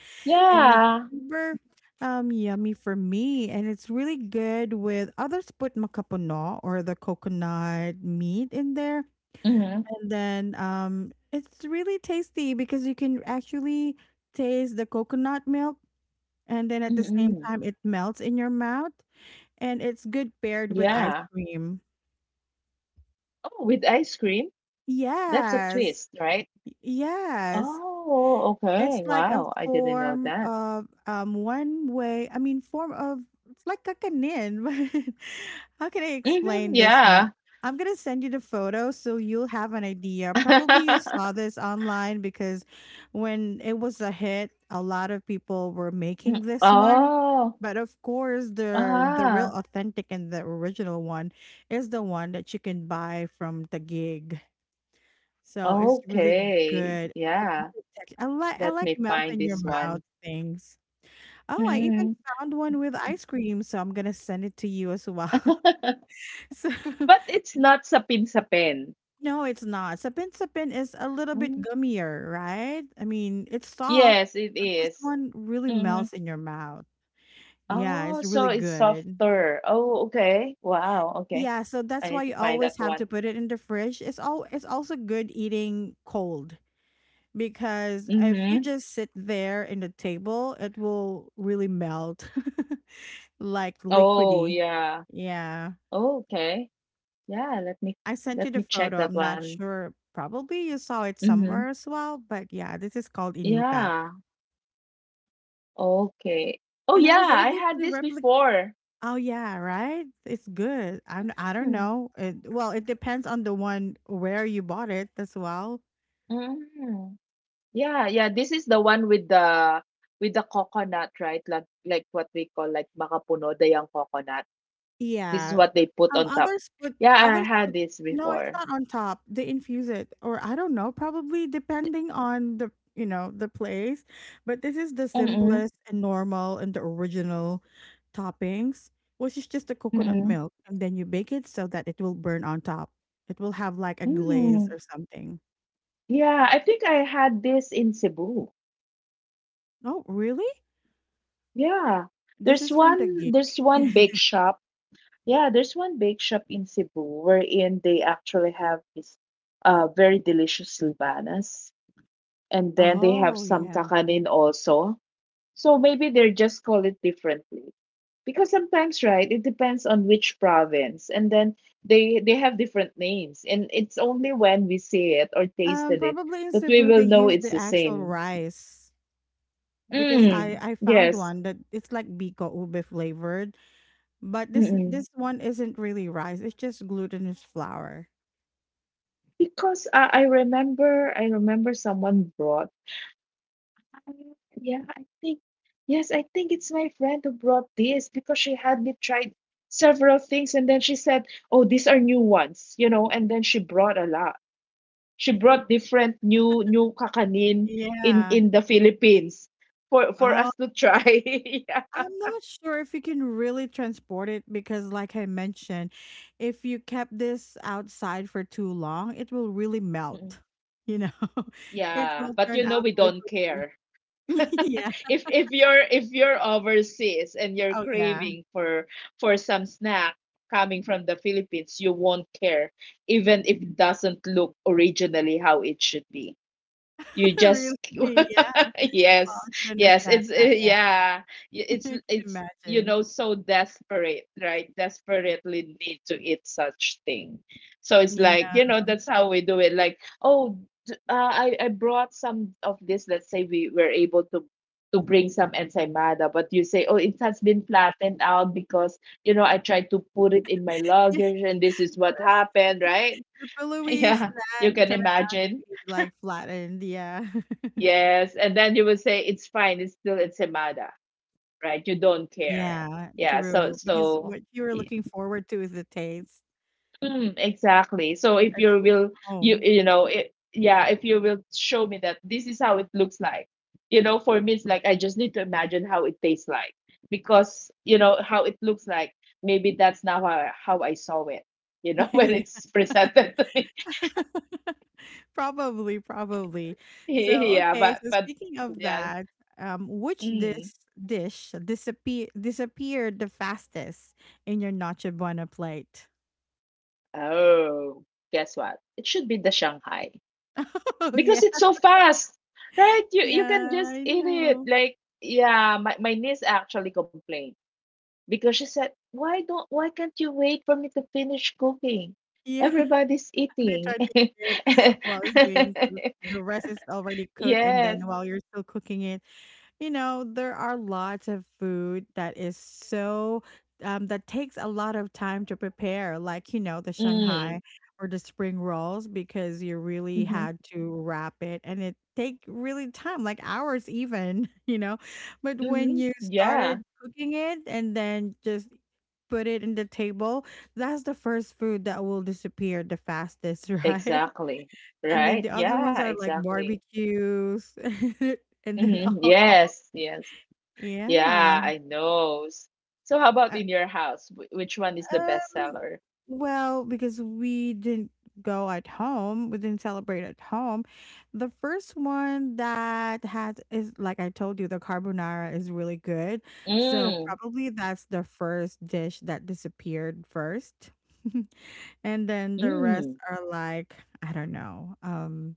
Speaker 1: and it's
Speaker 2: Yeah.
Speaker 1: super yummy for me, and it's really good with others put makapuno or the coconut meat in there,
Speaker 2: Mhm,
Speaker 1: and then it's really tasty because you can actually taste the coconut milk, and then at the same
Speaker 2: mm,
Speaker 1: time it melts in your mouth, and it's good paired with
Speaker 2: yeah.
Speaker 1: ice cream.
Speaker 2: Oh, with ice cream? That's a
Speaker 1: Yes,
Speaker 2: twist, right?
Speaker 1: yes.
Speaker 2: Oh,
Speaker 1: It's
Speaker 2: okay.
Speaker 1: like a
Speaker 2: Wow, I didn't know
Speaker 1: form
Speaker 2: that.
Speaker 1: of, one way. I mean, form of it's like a kanin. But how can I
Speaker 2: Mhm,
Speaker 1: explain this one?
Speaker 2: yeah.
Speaker 1: I'm gonna send you the photo so you'll have an idea. Probably you saw this online, because when it was a hit, a lot of people were
Speaker 2: Mm,
Speaker 1: making this one.
Speaker 2: oh,
Speaker 1: But of course, the real
Speaker 2: ah,
Speaker 1: authentic and the original one is the one that you can buy from the gig. So it's really
Speaker 2: okay.
Speaker 1: good. I love
Speaker 2: Yeah.
Speaker 1: the tex I like I
Speaker 2: Let
Speaker 1: like
Speaker 2: me
Speaker 1: melt
Speaker 2: find
Speaker 1: in your
Speaker 2: this
Speaker 1: mouth
Speaker 2: one.
Speaker 1: things. Oh, I even
Speaker 2: Mm.
Speaker 1: found one with ice cream, so I'm gonna send it to you as well. So
Speaker 2: But it's not sapin sapin.
Speaker 1: no, it's not. Sapin Sapin is a little bit
Speaker 2: Mm.
Speaker 1: gummier, right? I mean, it's soft,
Speaker 2: Yes, it
Speaker 1: but this
Speaker 2: is.
Speaker 1: one really
Speaker 2: Mm-hmm.
Speaker 1: melts in your mouth. Yeah,
Speaker 2: Oh,
Speaker 1: it's
Speaker 2: so
Speaker 1: really
Speaker 2: it's
Speaker 1: good.
Speaker 2: softer. Oh, okay. Wow. Okay.
Speaker 1: Yeah, so that's
Speaker 2: I
Speaker 1: why
Speaker 2: need
Speaker 1: you
Speaker 2: to find
Speaker 1: always
Speaker 2: that
Speaker 1: have to
Speaker 2: one.
Speaker 1: put it in the fridge. It's also good eating cold, because if you
Speaker 2: Mm-hmm.
Speaker 1: just sit there in the table, it will really melt, like,
Speaker 2: Oh,
Speaker 1: liquidy.
Speaker 2: yeah.
Speaker 1: Yeah.
Speaker 2: Oh, okay. Yeah,
Speaker 1: I sent you
Speaker 2: let
Speaker 1: the
Speaker 2: me check
Speaker 1: photo.
Speaker 2: that
Speaker 1: I'm not
Speaker 2: one.
Speaker 1: sure. Probably you saw it
Speaker 2: Mm-hmm.
Speaker 1: somewhere as well. But yeah, this is called Inutak.
Speaker 2: Yeah. Okay. Oh,
Speaker 1: And I
Speaker 2: yeah,
Speaker 1: was
Speaker 2: I
Speaker 1: able
Speaker 2: had
Speaker 1: to
Speaker 2: this
Speaker 1: replicate.
Speaker 2: before.
Speaker 1: Oh, yeah, right? It's good. I don't know. Well, it depends on the one where you bought it as well.
Speaker 2: Mm-hmm. Yeah, yeah. This is the one with the coconut, right? Like what we call like makapuno, the young coconut. This is
Speaker 1: Yeah.
Speaker 2: what they put on top. Yeah, I
Speaker 1: Others
Speaker 2: had
Speaker 1: put
Speaker 2: this
Speaker 1: No, it's
Speaker 2: before.
Speaker 1: not on top. They infuse it, or I don't know, probably depending on the you know the place. But this is the
Speaker 2: Mm-mm.
Speaker 1: simplest and normal, and the original toppings, which is just the coconut
Speaker 2: Mm-mm.
Speaker 1: milk, and then you bake it so that it will burn on top. It will have like a glaze
Speaker 2: Mm.
Speaker 1: or something.
Speaker 2: Yeah, I think I had this in Cebu.
Speaker 1: Oh, really?
Speaker 2: Yeah.
Speaker 1: This
Speaker 2: There's
Speaker 1: is from the
Speaker 2: one
Speaker 1: gift.
Speaker 2: there's one bake shop. Yeah, there's one bake shop in Cebu wherein they actually have this very delicious Silvanas. And then they have
Speaker 1: Oh
Speaker 2: some
Speaker 1: yeah.
Speaker 2: kakanin also. So maybe they're just call it differently. Because sometimes, right, it depends on which province, and then they have different names, and it's only when we see it or tasted it
Speaker 1: Probably in
Speaker 2: that we
Speaker 1: Cebu they
Speaker 2: will know
Speaker 1: use
Speaker 2: it's
Speaker 1: the
Speaker 2: the
Speaker 1: actual
Speaker 2: same.
Speaker 1: rice, because I
Speaker 2: Mm,
Speaker 1: I found
Speaker 2: yes.
Speaker 1: one that it's like biko ube flavored, but this
Speaker 2: Mm-mm.
Speaker 1: one isn't really rice. It's just glutinous flour.
Speaker 2: Because I remember someone brought. I- Yeah, I think. Yes, I think it's my friend who brought this because she had me tried several things, and then she said, "Oh, these are new ones," you know, and then she brought a lot, she brought different new kakanin in
Speaker 1: Yeah.
Speaker 2: in the Philippines for
Speaker 1: Oh,
Speaker 2: us to try. Yeah.
Speaker 1: I'm not sure if you can really transport it because, like I mentioned, if you kept this outside for too long, it will really
Speaker 2: Mm.
Speaker 1: melt. You know, it
Speaker 2: Yeah,
Speaker 1: will
Speaker 2: but
Speaker 1: turn
Speaker 2: you know
Speaker 1: out
Speaker 2: we don't
Speaker 1: liquidy.
Speaker 2: care.
Speaker 1: Yeah.
Speaker 2: If you're if you're overseas and you're
Speaker 1: Oh, yeah.
Speaker 2: craving for some snack coming from the Philippines, you won't care even if it doesn't look originally how it should be. You just
Speaker 1: Really? Yeah. Well,
Speaker 2: Yes,
Speaker 1: I can
Speaker 2: yes,
Speaker 1: understand
Speaker 2: it's
Speaker 1: that. Yeah.
Speaker 2: yeah,
Speaker 1: I can
Speaker 2: it's you
Speaker 1: imagine.
Speaker 2: know so desperate, right? Desperately need to eat such thing. So it's like,
Speaker 1: Yeah.
Speaker 2: you know, that's how we do it. Like, oh, I brought some of this. Let's say we were able to bring some ensaymada, but you say, oh, it has been flattened out because you know I tried to put it in my luggage and this is what happened, right?
Speaker 1: The pillowy
Speaker 2: Yeah,
Speaker 1: snack
Speaker 2: you can
Speaker 1: turned out to
Speaker 2: imagine.
Speaker 1: be, like, flattened, yeah.
Speaker 2: Yes, and then you will say it's fine. It's still ensaymada, right? You don't care.
Speaker 1: Yeah,
Speaker 2: Yeah. So
Speaker 1: true, because
Speaker 2: so
Speaker 1: what you were looking forward to is the taste,
Speaker 2: exactly. So if
Speaker 1: a
Speaker 2: you
Speaker 1: taste of
Speaker 2: will, you
Speaker 1: home.
Speaker 2: you know, it, yeah, if you will show me that this is how it looks like, you know, for me it's like I just need to imagine how it tastes like because you know how it looks like. Maybe that's now how how I saw it. You know, when
Speaker 1: Yeah,
Speaker 2: it's presented to me.
Speaker 1: probably, probably. So,
Speaker 2: Yeah,
Speaker 1: okay,
Speaker 2: but
Speaker 1: so
Speaker 2: but
Speaker 1: speaking of
Speaker 2: yeah.
Speaker 1: that, which dis
Speaker 2: Mm.
Speaker 1: dish disappear disappeared the fastest in your Noche Buena plate?
Speaker 2: Oh, guess what? It should be the Shanghai.
Speaker 1: Oh, yeah.
Speaker 2: Because it's so fast, right, you can
Speaker 1: Yeah,
Speaker 2: just
Speaker 1: I
Speaker 2: eat it
Speaker 1: know.
Speaker 2: like, yeah, my niece actually complained because she said why don't, why can't you wait for me to finish cooking,
Speaker 1: Yeah.
Speaker 2: everybody's
Speaker 1: They try
Speaker 2: eating.
Speaker 1: to eat it while it's being cooked. The rest is already cooked, and
Speaker 2: Yes.
Speaker 1: then while you're still cooking it, there are lots of food that is so, that takes a lot of time to prepare, like, the
Speaker 2: Mm.
Speaker 1: Shanghai or the spring rolls, because you really
Speaker 2: Hmm.
Speaker 1: had to wrap it, and it take really time, like hours even, you know. But when
Speaker 2: Hmm.
Speaker 1: you
Speaker 2: Yeah,
Speaker 1: started cooking it and then just put it in the table, that's the first food that will disappear the fastest, right?
Speaker 2: exactly.
Speaker 1: And then
Speaker 2: Right,
Speaker 1: the other
Speaker 2: yeah,
Speaker 1: ones are like
Speaker 2: exactly.
Speaker 1: barbecues and then
Speaker 2: Hmm.
Speaker 1: all,
Speaker 2: Yes, yes. Yeah,
Speaker 1: yeah.
Speaker 2: I know. So how about
Speaker 1: Uh,
Speaker 2: in your house? Which one is the best
Speaker 1: um,
Speaker 2: seller?
Speaker 1: well, because we didn't go at home, we didn't celebrate at home. The first one that had is like I told you, the carbonara is really good. So
Speaker 2: Mm.
Speaker 1: probably that's the first dish that disappeared first. And then the rest
Speaker 2: Mm.
Speaker 1: are like, I don't know,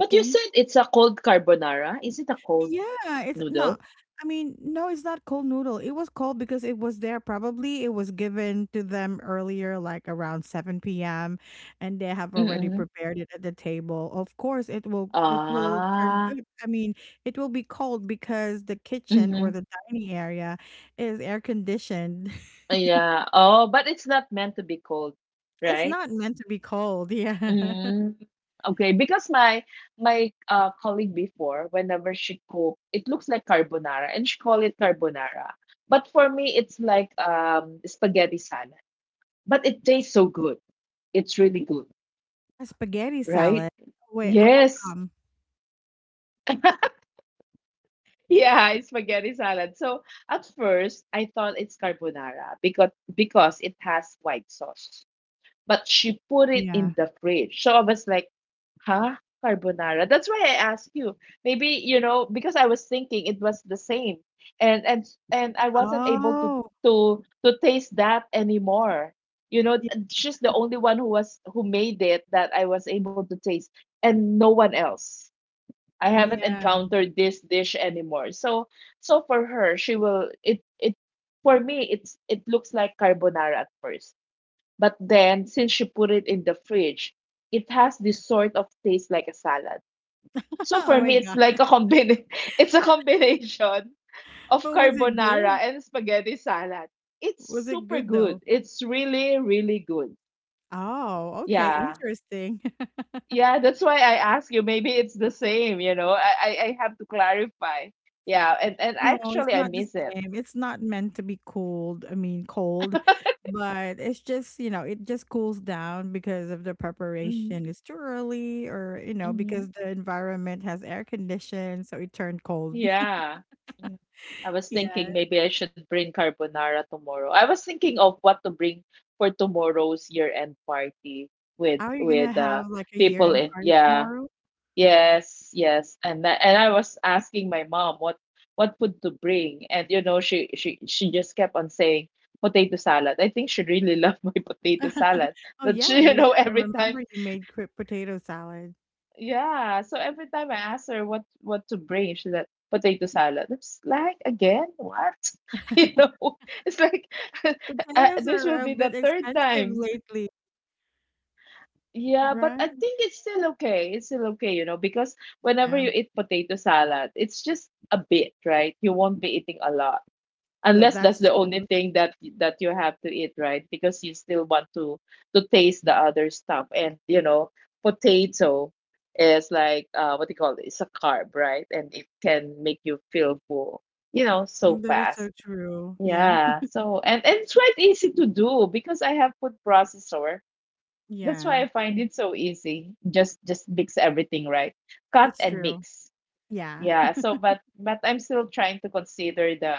Speaker 2: But you said it's a cold carbonara. Is it a cold
Speaker 1: Yeah, it's not.
Speaker 2: noodle?
Speaker 1: I mean, no, it's not cold noodle. It was cold because it was there. Probably it was given to them earlier, like around 7 p.m., and they have already
Speaker 2: Mm-mm.
Speaker 1: prepared it at the table. Of course, it will turn
Speaker 2: Ah.
Speaker 1: good. I mean, it will be cold because the kitchen
Speaker 2: Mm-hmm.
Speaker 1: or the dining area is air conditioned.
Speaker 2: Yeah. Oh, but it's not meant to be cold,
Speaker 1: It's
Speaker 2: right?
Speaker 1: not meant to be cold. Yeah.
Speaker 2: Mm. Okay, because my colleague before, whenever she cook, it looks like carbonara, and she call it carbonara. But for me, it's like spaghetti salad. But it tastes so good. It's really good,
Speaker 1: A spaghetti
Speaker 2: right?
Speaker 1: salad. Wait, how
Speaker 2: Yes.
Speaker 1: come?
Speaker 2: Yeah, it's spaghetti salad. So at first, I thought it's carbonara because it has white sauce. But she put it
Speaker 1: Yeah.
Speaker 2: in the fridge. So I was like, huh? Carbonara. That's why I asked you. Maybe, you know, because I was thinking it was the same. And and I wasn't able to
Speaker 1: Oh.
Speaker 2: to taste that anymore. You know, and she's the only one who was who made it that I was able to taste, and no one else. I haven't
Speaker 1: Yeah.
Speaker 2: encountered this dish anymore. So so for her, she will, it for me it's it looks like carbonara at first. But then since she put it in the fridge, it has this sort of taste like a salad. So
Speaker 1: Oh
Speaker 2: for
Speaker 1: my
Speaker 2: me it's
Speaker 1: God.
Speaker 2: like a combin it's a combination of
Speaker 1: But was it good?
Speaker 2: carbonara and spaghetti salad. It's
Speaker 1: Was it
Speaker 2: super
Speaker 1: good
Speaker 2: good.
Speaker 1: though?
Speaker 2: It's really, really good.
Speaker 1: Oh, okay,
Speaker 2: Yeah.
Speaker 1: interesting.
Speaker 2: Yeah, that's why I ask you. Maybe it's the same, you know. I have to clarify. Yeah, and
Speaker 1: No, it's
Speaker 2: actually I
Speaker 1: not the
Speaker 2: miss it.
Speaker 1: same. It's not meant to be cooled I mean, cold, but it's just, it just cools down because of the
Speaker 2: Hmm.
Speaker 1: preparation is too early, or,
Speaker 2: Hmm.
Speaker 1: because the environment has air conditioned, so it turned cold.
Speaker 2: Yeah. Mm. I was
Speaker 1: Yes.
Speaker 2: thinking maybe I should bring carbonara tomorrow. I was thinking of what to bring for tomorrow's year-end party with
Speaker 1: Are you gonna
Speaker 2: with
Speaker 1: have, like, a
Speaker 2: people
Speaker 1: year-end
Speaker 2: in,
Speaker 1: party
Speaker 2: yeah.
Speaker 1: tomorrow?
Speaker 2: Yes, yes. And I was asking my mom what food to bring, and you know she just kept on saying potato salad. I think she really loved my potato salad.
Speaker 1: Oh,
Speaker 2: That,
Speaker 1: yeah,
Speaker 2: she, you
Speaker 1: you
Speaker 2: know,
Speaker 1: I
Speaker 2: every
Speaker 1: remember
Speaker 2: time,
Speaker 1: you made cr potato salad.
Speaker 2: yeah. So every time I asked her what to bring, she said potato salad. It's like, again, what? You know, it's like
Speaker 1: Potatoes
Speaker 2: this will
Speaker 1: are a
Speaker 2: be the
Speaker 1: bit
Speaker 2: third
Speaker 1: expensive
Speaker 2: time.
Speaker 1: lately.
Speaker 2: Yeah, but I
Speaker 1: Right?
Speaker 2: think it's still okay. It's still okay, you know, because whenever
Speaker 1: Yeah.
Speaker 2: you eat potato salad, it's just a bit, right? You won't be eating a lot
Speaker 1: That
Speaker 2: unless that's
Speaker 1: that's
Speaker 2: the only
Speaker 1: true.
Speaker 2: thing that you have to eat, right? Because you still want to taste the other stuff. And, you know, potato is like, what do you call it? It's a carb, right? And it can make you feel full, you know,
Speaker 1: Mm,
Speaker 2: so
Speaker 1: that is so
Speaker 2: fast.
Speaker 1: true. Yeah.
Speaker 2: Yeah. So, and it's quite easy to do because I have food processor. That's
Speaker 1: Yeah.
Speaker 2: why I find it so easy. Just mix everything, right? Cut
Speaker 1: That's
Speaker 2: and
Speaker 1: true.
Speaker 2: mix.
Speaker 1: Yeah.
Speaker 2: Yeah. So but I'm still trying to consider the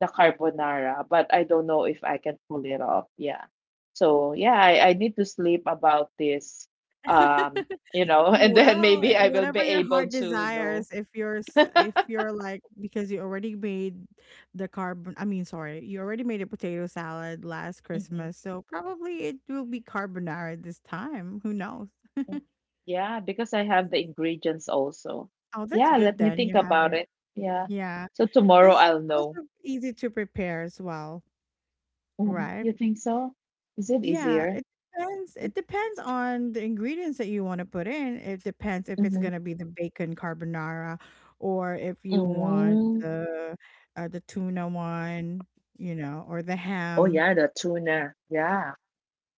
Speaker 2: carbonara, but I don't know if I can pull it off. Yeah. So yeah, I need to sleep about this. Um, you know, and then
Speaker 1: Well,
Speaker 2: maybe I will be
Speaker 1: whatever your
Speaker 2: able
Speaker 1: heart
Speaker 2: to know.
Speaker 1: desires, if you're like, because you already made the carbon I mean, sorry, you already made a potato salad last
Speaker 2: Mhm,
Speaker 1: Christmas, so probably it will be carbonara this time. Who knows?
Speaker 2: mhm. Yeah, because I have the ingredients also.
Speaker 1: Oh, that's
Speaker 2: Yeah,
Speaker 1: good
Speaker 2: let me
Speaker 1: then.
Speaker 2: think
Speaker 1: You have
Speaker 2: about
Speaker 1: it.
Speaker 2: it. Yeah.
Speaker 1: Yeah.
Speaker 2: So tomorrow
Speaker 1: It's
Speaker 2: I'll know.
Speaker 1: also easy to prepare as well,
Speaker 2: Mhm.
Speaker 1: right?
Speaker 2: You think so? Is it
Speaker 1: Yeah,
Speaker 2: easier?
Speaker 1: it depends. It depends on the ingredients that you want to put in. It depends if it's
Speaker 2: Mm-hmm.
Speaker 1: gonna be the bacon carbonara, or if you want
Speaker 2: Mm.
Speaker 1: the tuna one, or the
Speaker 2: Oh
Speaker 1: ham.
Speaker 2: yeah, the tuna. Yeah.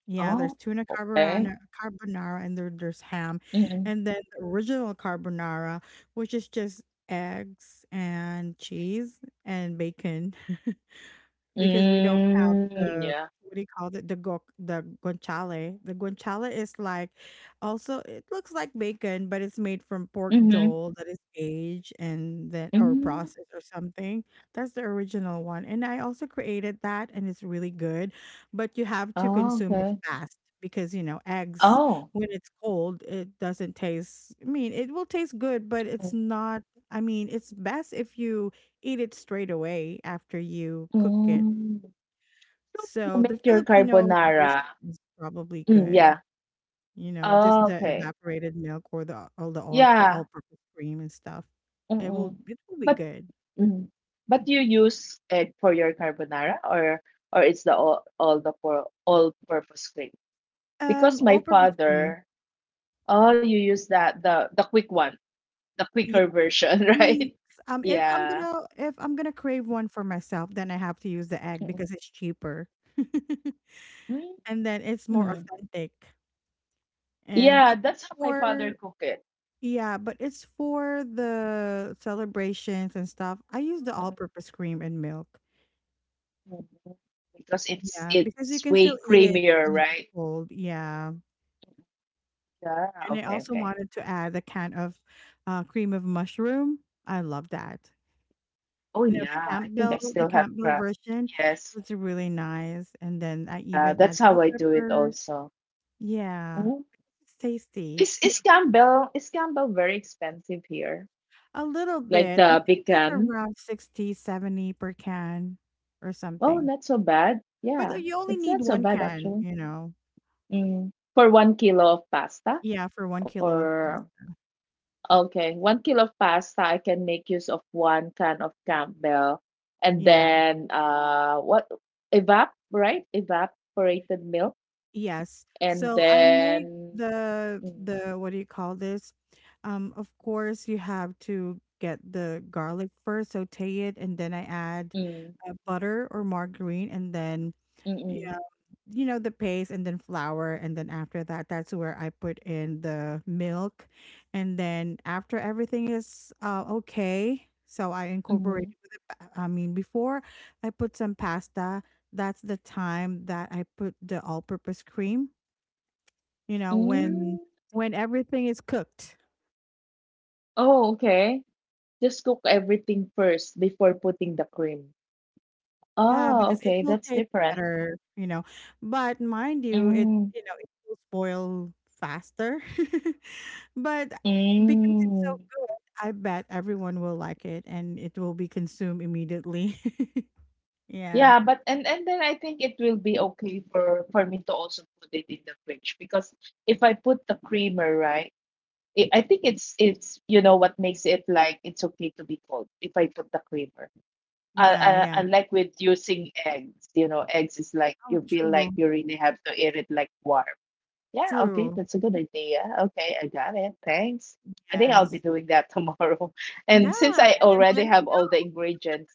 Speaker 1: Yeah, there's
Speaker 2: Oh,
Speaker 1: tuna
Speaker 2: okay.
Speaker 1: carbonara, and there's ham,
Speaker 2: Mm-mm.
Speaker 1: and then the original carbonara, which is just eggs and cheese and bacon, because we don't have
Speaker 2: Mm.
Speaker 1: the,
Speaker 2: Yeah.
Speaker 1: what do you call it, the guanciale. The guanciale is, like, also it looks like bacon, but it's made from pork
Speaker 2: Mm-hmm.
Speaker 1: jowl that is aged, and then or
Speaker 2: Mm.
Speaker 1: processed or something. That's the original one, and I also created that, and it's really good. But you have to
Speaker 2: Oh,
Speaker 1: consume it
Speaker 2: okay.
Speaker 1: fast, because you know, eggs,
Speaker 2: Oh,
Speaker 1: when it's cold it doesn't taste I mean, it will taste good, but it's not I mean, it's best if you eat it straight away after you cook it.
Speaker 2: mm. So when you
Speaker 1: So the
Speaker 2: make your
Speaker 1: Filipino
Speaker 2: carbonara.
Speaker 1: version is probably
Speaker 2: Mm,
Speaker 1: good,
Speaker 2: yeah.
Speaker 1: just
Speaker 2: Oh,
Speaker 1: the
Speaker 2: okay.
Speaker 1: evaporated milk, or the all the all
Speaker 2: Yeah.
Speaker 1: all purpose cream and stuff. It will
Speaker 2: Mm-mm.
Speaker 1: it will be
Speaker 2: But,
Speaker 1: good.
Speaker 2: mm. But you use egg for your carbonara, or it's the all the for all purpose cream? Because
Speaker 1: All
Speaker 2: my
Speaker 1: purpose cream.
Speaker 2: father, oh, you use that the quick one, the
Speaker 1: Yeah,
Speaker 2: quicker version,
Speaker 1: I
Speaker 2: right?
Speaker 1: mean, if I'm
Speaker 2: Yeah.
Speaker 1: gonna if I'm gonna crave one for myself, then I have to use the egg because it's cheaper, and then it's more
Speaker 2: Mm.
Speaker 1: authentic. And
Speaker 2: Yeah,
Speaker 1: but it's
Speaker 2: that's how my
Speaker 1: for
Speaker 2: father cook it.
Speaker 1: Yeah, but it's for the celebrations and stuff. I use the all purpose cream and milk.
Speaker 2: Mhm. Because it's
Speaker 1: Yeah, because you
Speaker 2: it's
Speaker 1: can still
Speaker 2: way
Speaker 1: eat it
Speaker 2: creamier,
Speaker 1: even if it's
Speaker 2: right?
Speaker 1: cold. Yeah.
Speaker 2: Yeah,
Speaker 1: And I
Speaker 2: okay,
Speaker 1: also
Speaker 2: okay.
Speaker 1: wanted to add a can of, cream of mushroom. I love that.
Speaker 2: Oh
Speaker 1: The
Speaker 2: yeah, I think I
Speaker 1: Campbell,
Speaker 2: still have
Speaker 1: Version
Speaker 2: yes.
Speaker 1: is really nice. And then I even
Speaker 2: That's
Speaker 1: add
Speaker 2: how
Speaker 1: bell
Speaker 2: I do it
Speaker 1: peppers.
Speaker 2: also.
Speaker 1: Yeah,
Speaker 2: Mhm.
Speaker 1: it's tasty.
Speaker 2: Is Campbell, is Campbell very expensive here?
Speaker 1: A little
Speaker 2: Like
Speaker 1: bit. I
Speaker 2: the big
Speaker 1: think that's
Speaker 2: can?
Speaker 1: around 60-70 per can or
Speaker 2: Oh,
Speaker 1: something.
Speaker 2: not so bad.
Speaker 1: But
Speaker 2: Yeah,
Speaker 1: you only
Speaker 2: it's
Speaker 1: need
Speaker 2: not so
Speaker 1: one
Speaker 2: bad
Speaker 1: can,
Speaker 2: actually.
Speaker 1: you know.
Speaker 2: Mm, for 1 kilo of pasta
Speaker 1: Yeah, for 1 kilo of
Speaker 2: or,
Speaker 1: pasta.
Speaker 2: okay, 1 kilo of pasta, I can make use of one can of Campbell, and
Speaker 1: Yeah.
Speaker 2: then what, evap, right? Evaporated milk,
Speaker 1: Yes.
Speaker 2: and
Speaker 1: So I make
Speaker 2: then
Speaker 1: the,
Speaker 2: mm,
Speaker 1: what do you call this? Of course you have to get the garlic first, saute it, and then I add,
Speaker 2: mm,
Speaker 1: butter or margarine, and then
Speaker 2: mm, mm,
Speaker 1: yeah, you know the paste, and then flour, and then after that, that's where I put in the milk, and then after everything is, okay, so I incorporate
Speaker 2: mm,
Speaker 1: it with I mean, before I put some pasta, that's the time that I put the all-purpose cream, you know, Mm. when
Speaker 2: mm.
Speaker 1: when everything is cooked.
Speaker 2: Oh, okay. Just cook everything first before putting the cream.
Speaker 1: Yeah,
Speaker 2: Oh,
Speaker 1: because it
Speaker 2: okay,
Speaker 1: will
Speaker 2: that's
Speaker 1: taste
Speaker 2: different.
Speaker 1: better. But mind you,
Speaker 2: Mm,
Speaker 1: it will spoil faster. But because it's so
Speaker 2: mm.
Speaker 1: good, I bet everyone will like it and it will be consumed immediately. Yeah.
Speaker 2: Yeah, but and then I think it will be okay for me to also put it in the fridge, because if I put the creamer, right, it, I think it's you know what makes it like it's okay to be cold if I put the creamer.
Speaker 1: Yeah, yeah.
Speaker 2: Unlike with using eggs, you know, eggs is like
Speaker 1: Oh,
Speaker 2: you feel like
Speaker 1: true.
Speaker 2: you really have to eat it like warm. Yeah, okay,
Speaker 1: True.
Speaker 2: that's a good idea. Okay, I got it. Thanks. I think I'll be
Speaker 1: Yes.
Speaker 2: doing that tomorrow.
Speaker 1: Yeah.
Speaker 2: And since I
Speaker 1: And then
Speaker 2: already
Speaker 1: let me
Speaker 2: have
Speaker 1: know.
Speaker 2: all the ingredients,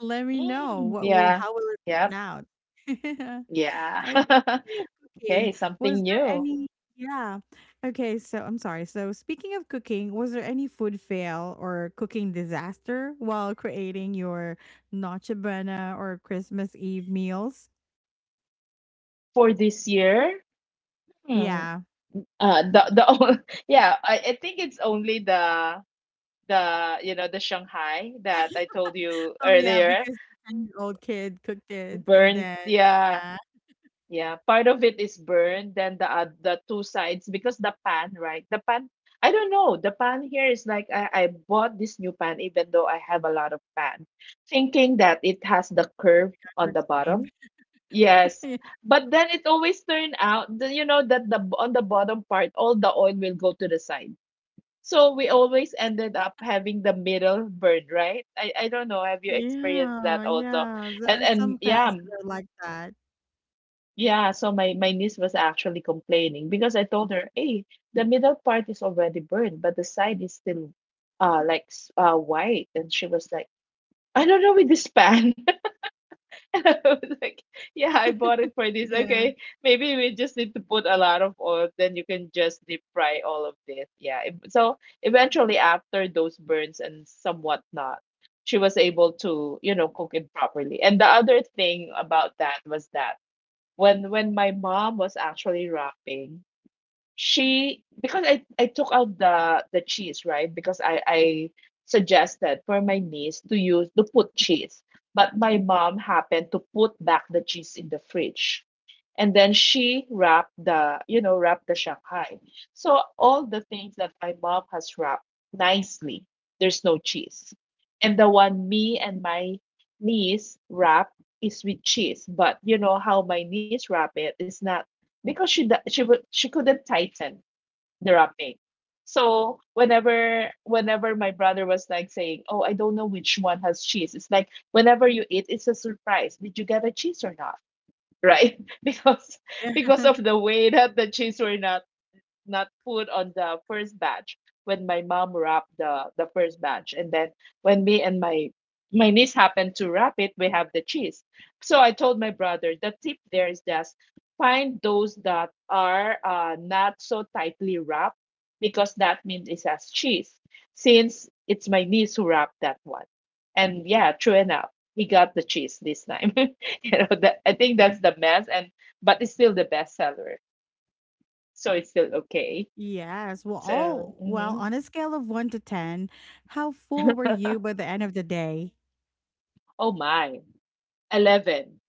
Speaker 1: Let me know
Speaker 2: mm,
Speaker 1: what will
Speaker 2: yeah.
Speaker 1: how will it
Speaker 2: Yeah,
Speaker 1: turn out. Okay,
Speaker 2: yeah.
Speaker 1: speaking of
Speaker 2: Okay,
Speaker 1: cooking,
Speaker 2: something
Speaker 1: was there
Speaker 2: new
Speaker 1: any. Yeah. Okay, so I'm sorry. So speaking of cooking, was there any food fail or cooking disaster while creating your Noche Buena or Christmas Eve meals?
Speaker 2: for this year. Hmm.
Speaker 1: Yeah.
Speaker 2: Uh, the the o- yeah, I think it's only the you know the Shanghai that I told you
Speaker 1: Oh yeah,
Speaker 2: earlier,
Speaker 1: because the 10-year-old kid cooked it and
Speaker 2: burned.
Speaker 1: then
Speaker 2: Yeah,
Speaker 1: yeah,
Speaker 2: yeah. Part of it is burned. Then the two sides, because the pan, right, the pan. I don't know. The pan here is like I bought this new pan even though I have a lot of pan, thinking that it has the curve
Speaker 1: we're
Speaker 2: on
Speaker 1: the
Speaker 2: the
Speaker 1: same.
Speaker 2: bottom. Yes, but then it always turn out that you know that the on the bottom part all the oil will go to the side. So we always ended up having the middle burn, right? I don't know. Have you experienced that
Speaker 1: Yeah,
Speaker 2: also?
Speaker 1: yeah. There
Speaker 2: And
Speaker 1: are
Speaker 2: and
Speaker 1: some pans
Speaker 2: yeah,
Speaker 1: that are like that.
Speaker 2: yeah. So my niece was actually complaining because I told her, hey, the middle part is already burned, but the side is still, white. And she was like, I don't know with this pan. I was like, yeah, I bought it for this.
Speaker 1: Yeah.
Speaker 2: Okay, maybe we just need to put a lot of oil, then you can just deep fry all of this. Yeah. So eventually, after those burns and somewhat not, she was able to, you know, cook it properly. And the other thing about that was that when my mom was actually wrapping, she, because I took out the cheese, right? Because I suggested for my niece to use to put cheese. But my mom happened to put back the cheese in the fridge. And then she wrapped the, you know, wrapped the Shanghai. So all the things that my mom has wrapped nicely, there's no cheese. And the one me and my niece wrap is with cheese. But you know how my niece wrap it is not because she would she couldn't tighten they're. So whenever my brother was like saying, "Oh, I don't know which one has cheese," it's like whenever you eat, it's a surprise. Did you get a cheese or not? Right? Because
Speaker 1: Yeah.
Speaker 2: of the way that the cheese were not put on the first batch when my mom wrapped the first batch, and then when me and my niece happened to wrap it, we have the cheese. So I told my brother, the tip there is just find those that are not so tightly wrapped, because that means it has cheese, since it's my niece who wrapped that one. And yeah, true enough, he got the cheese this time. I think that's the best. And but it's still the best seller, so it's still okay.
Speaker 1: Yes. Well,
Speaker 2: So,
Speaker 1: oh, well,
Speaker 2: mhm.
Speaker 1: on a scale of 1 to 10, how full were you by the end of the day?
Speaker 2: Oh my, 11.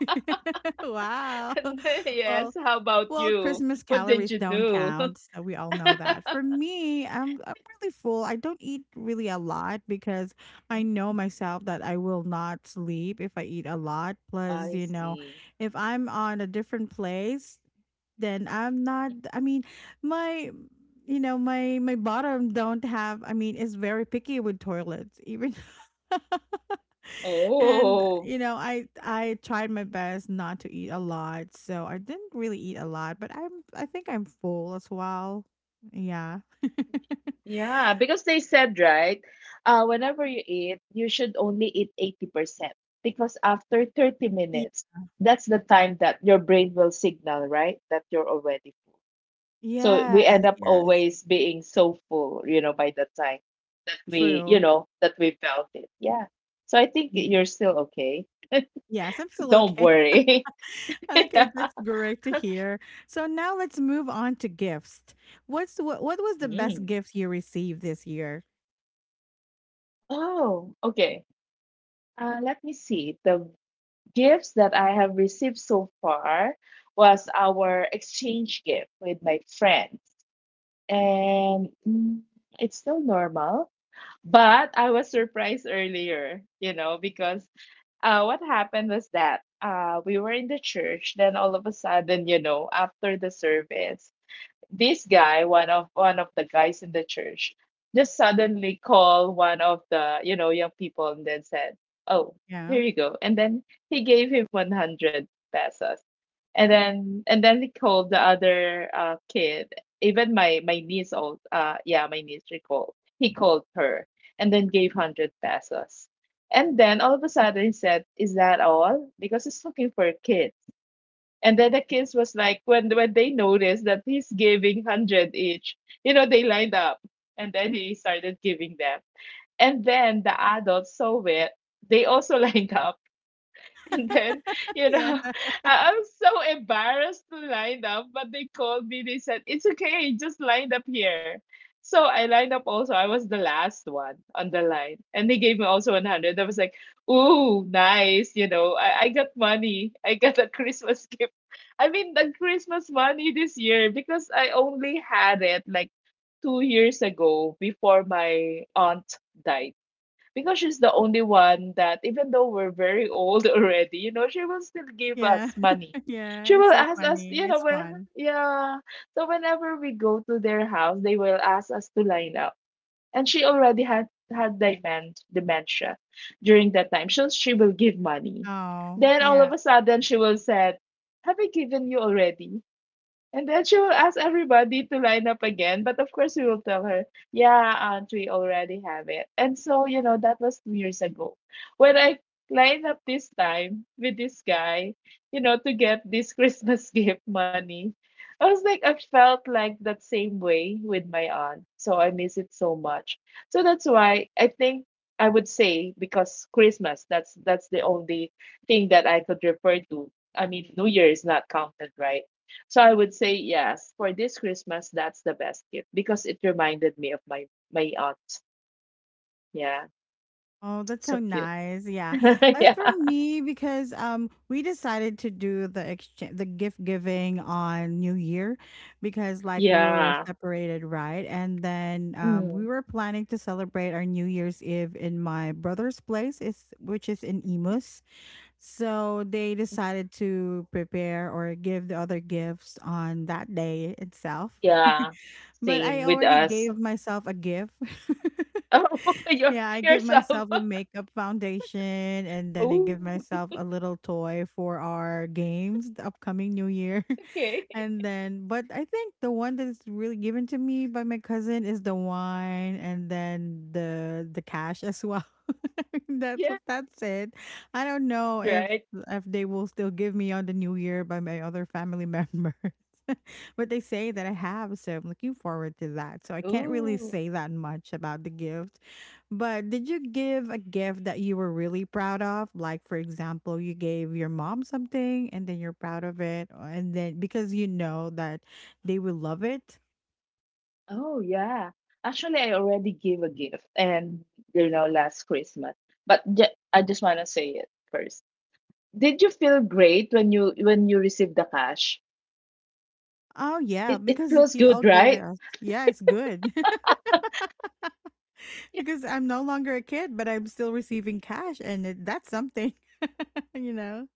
Speaker 1: Wow.
Speaker 2: Yes,
Speaker 1: Well,
Speaker 2: how about
Speaker 1: well,
Speaker 2: you?
Speaker 1: Christmas
Speaker 2: What did
Speaker 1: calories
Speaker 2: you
Speaker 1: don't
Speaker 2: do?
Speaker 1: count. So we all know that. For me, I'm really full. I don't eat really a lot because I know myself that I will not sleep if I eat a lot. Plus,
Speaker 2: I
Speaker 1: you know,
Speaker 2: see.
Speaker 1: if I'm on a different place, then I'm not I mean my my my bottom don't have, I mean, it's very picky with toilets even. And
Speaker 2: Oh,
Speaker 1: you know, I tried my best not to eat a lot, so I didn't really eat a lot, but I think I'm full as well, yeah.
Speaker 2: yeah, because they said, right, whenever you eat, you should only eat 80% because after 30
Speaker 1: Ye-
Speaker 2: minutes, that's the time that your brain will signal, right, that you're already full. So we end
Speaker 1: yes,
Speaker 2: up
Speaker 1: yes.
Speaker 2: always being so full, you know, by the time that we, you
Speaker 1: True.
Speaker 2: know, that we felt it. Yeah. So I think
Speaker 1: Yeah.
Speaker 2: you're still okay.
Speaker 1: Yes, I'm still
Speaker 2: Don't
Speaker 1: okay.
Speaker 2: worry.
Speaker 1: Okay, that's great to hear. So now let's move on to gifts. What was the best
Speaker 2: Mm.
Speaker 1: gift you received this year?
Speaker 2: Oh, okay. Let me see. The gifts that I have received so far was our exchange gift with my friends. And it's still normal, but I was surprised earlier, you know, because what happened was that we were in the church. Then all of a sudden, you know, after the service, this guy, one of the guys in the church, just suddenly called one of the you know young people and then said, "Oh,
Speaker 1: Yeah.
Speaker 2: here you go," and then he gave him 100 pesos. And then we called the other kid. Even my niece old yeah, my niece recalled. He called her and then gave hundred pesos. And then all of a sudden he said, is that all? Because he's looking for a kid. And then the kids was like, when they noticed that he's giving hundred each, you know, they lined up, and then he started giving them. And then the adults saw it, they also lined up. And then, you
Speaker 1: Yeah.
Speaker 2: know, I was so embarrassed to line up, but they called me. They said, it's okay, just line up here. So I lined up also. I was the last one on the line. And they gave me also 100. I was like, ooh, nice. You know, I got money. I got a Christmas gift. I mean, the Christmas money this year, because I only had it like 2 years ago before my aunt died, because she's the only one that, even though we're very old already, you know, she will still give
Speaker 1: Yeah.
Speaker 2: us money.
Speaker 1: Yeah.
Speaker 2: She
Speaker 1: It's
Speaker 2: will
Speaker 1: so
Speaker 2: ask us, you
Speaker 1: funny.
Speaker 2: know,
Speaker 1: It's
Speaker 2: well,
Speaker 1: fun.
Speaker 2: yeah. So whenever we go to their house, they will ask us to line up. And she already had dementia during that time, so she will give money.
Speaker 1: Oh,
Speaker 2: Then all
Speaker 1: yeah.
Speaker 2: of a sudden she will said, have I given you already? And then she will ask everybody to line up again. But of course, we will tell her, yeah, Aunt, we already have it. And so, you know, that was 2 years ago. When I lined up this time with this guy, you know, to get this Christmas gift money, I was like, I felt like that same way with my aunt. So I miss it so much. So that's why I think I would say, because Christmas, that's the only thing that I could refer to. I mean, New Year is not counted, right? So I would say yes. For this Christmas, that's the best gift because it reminded me of my aunt. Yeah,
Speaker 1: Oh, that's
Speaker 2: so
Speaker 1: so
Speaker 2: cute.
Speaker 1: nice. Yeah. As for
Speaker 2: Yeah,
Speaker 1: me, because we decided to do the gift giving on New Year, because like we were
Speaker 2: yeah,
Speaker 1: separated, right? And then we
Speaker 2: hmm.
Speaker 1: were planning to celebrate our New Year's Eve in my brother's place, is which is in Imus. So they decided to prepare or give the other gifts on that day itself.
Speaker 2: Yeah.
Speaker 1: But I
Speaker 2: Same with
Speaker 1: already
Speaker 2: us.
Speaker 1: gave myself a gift.
Speaker 2: Oh, your
Speaker 1: Yeah, I give
Speaker 2: yourself.
Speaker 1: myself a makeup foundation, and then I give
Speaker 2: Ooh,
Speaker 1: myself a little toy for our games, the upcoming new year.
Speaker 2: okay.
Speaker 1: And then, but I think the one that is really given to me by my cousin is the wine and then the cash as well. That's what,
Speaker 2: Yeah,
Speaker 1: that's it. I don't know if
Speaker 2: right.
Speaker 1: they will still give me on the new year by my other family members. But they say that I have, so I'm looking forward to that. So I can't really
Speaker 2: Ooh,
Speaker 1: say that much about the gift, but did you give a gift that you were really proud of? Like, for example, you gave your mom something and then you're proud of it, or and then because you know that they will love it.
Speaker 2: oh yeah. Actually, I already gave a gift, and you know, last Christmas. But I just wanna say it first. Did you feel great when you received the cash?
Speaker 1: Oh, yeah,
Speaker 2: It
Speaker 1: because
Speaker 2: feels
Speaker 1: he all
Speaker 2: good,
Speaker 1: gave it
Speaker 2: right?
Speaker 1: us. Yeah, it's good.
Speaker 2: Yeah.
Speaker 1: Because I'm no longer a kid, but I'm still receiving cash, and it, that's something, you know?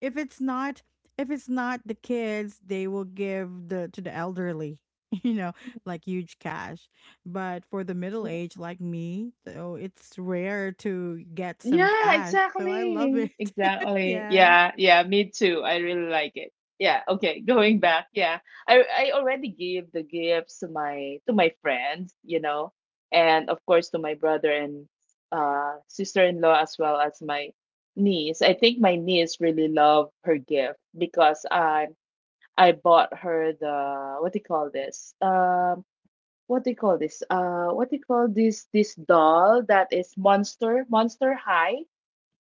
Speaker 1: If it's not, if it's not the kids, they will give the to the elderly, you know, like huge cash. But for the middle
Speaker 2: Yeah,
Speaker 1: age like me, so it's rare to get some
Speaker 2: yeah,
Speaker 1: cash. So I love
Speaker 2: exactly.
Speaker 1: it.
Speaker 2: Exactly.
Speaker 1: Yeah.
Speaker 2: Yeah, yeah, me too. I really like it. Yeah, okay, going back. Yeah. I already gave the gifts to my friends, you know, and of course to my brother and sister-in-law, as well as my niece. I think my niece really loved her gift, because I bought her the, what do you call this? What do you call this? This doll that is Monster High,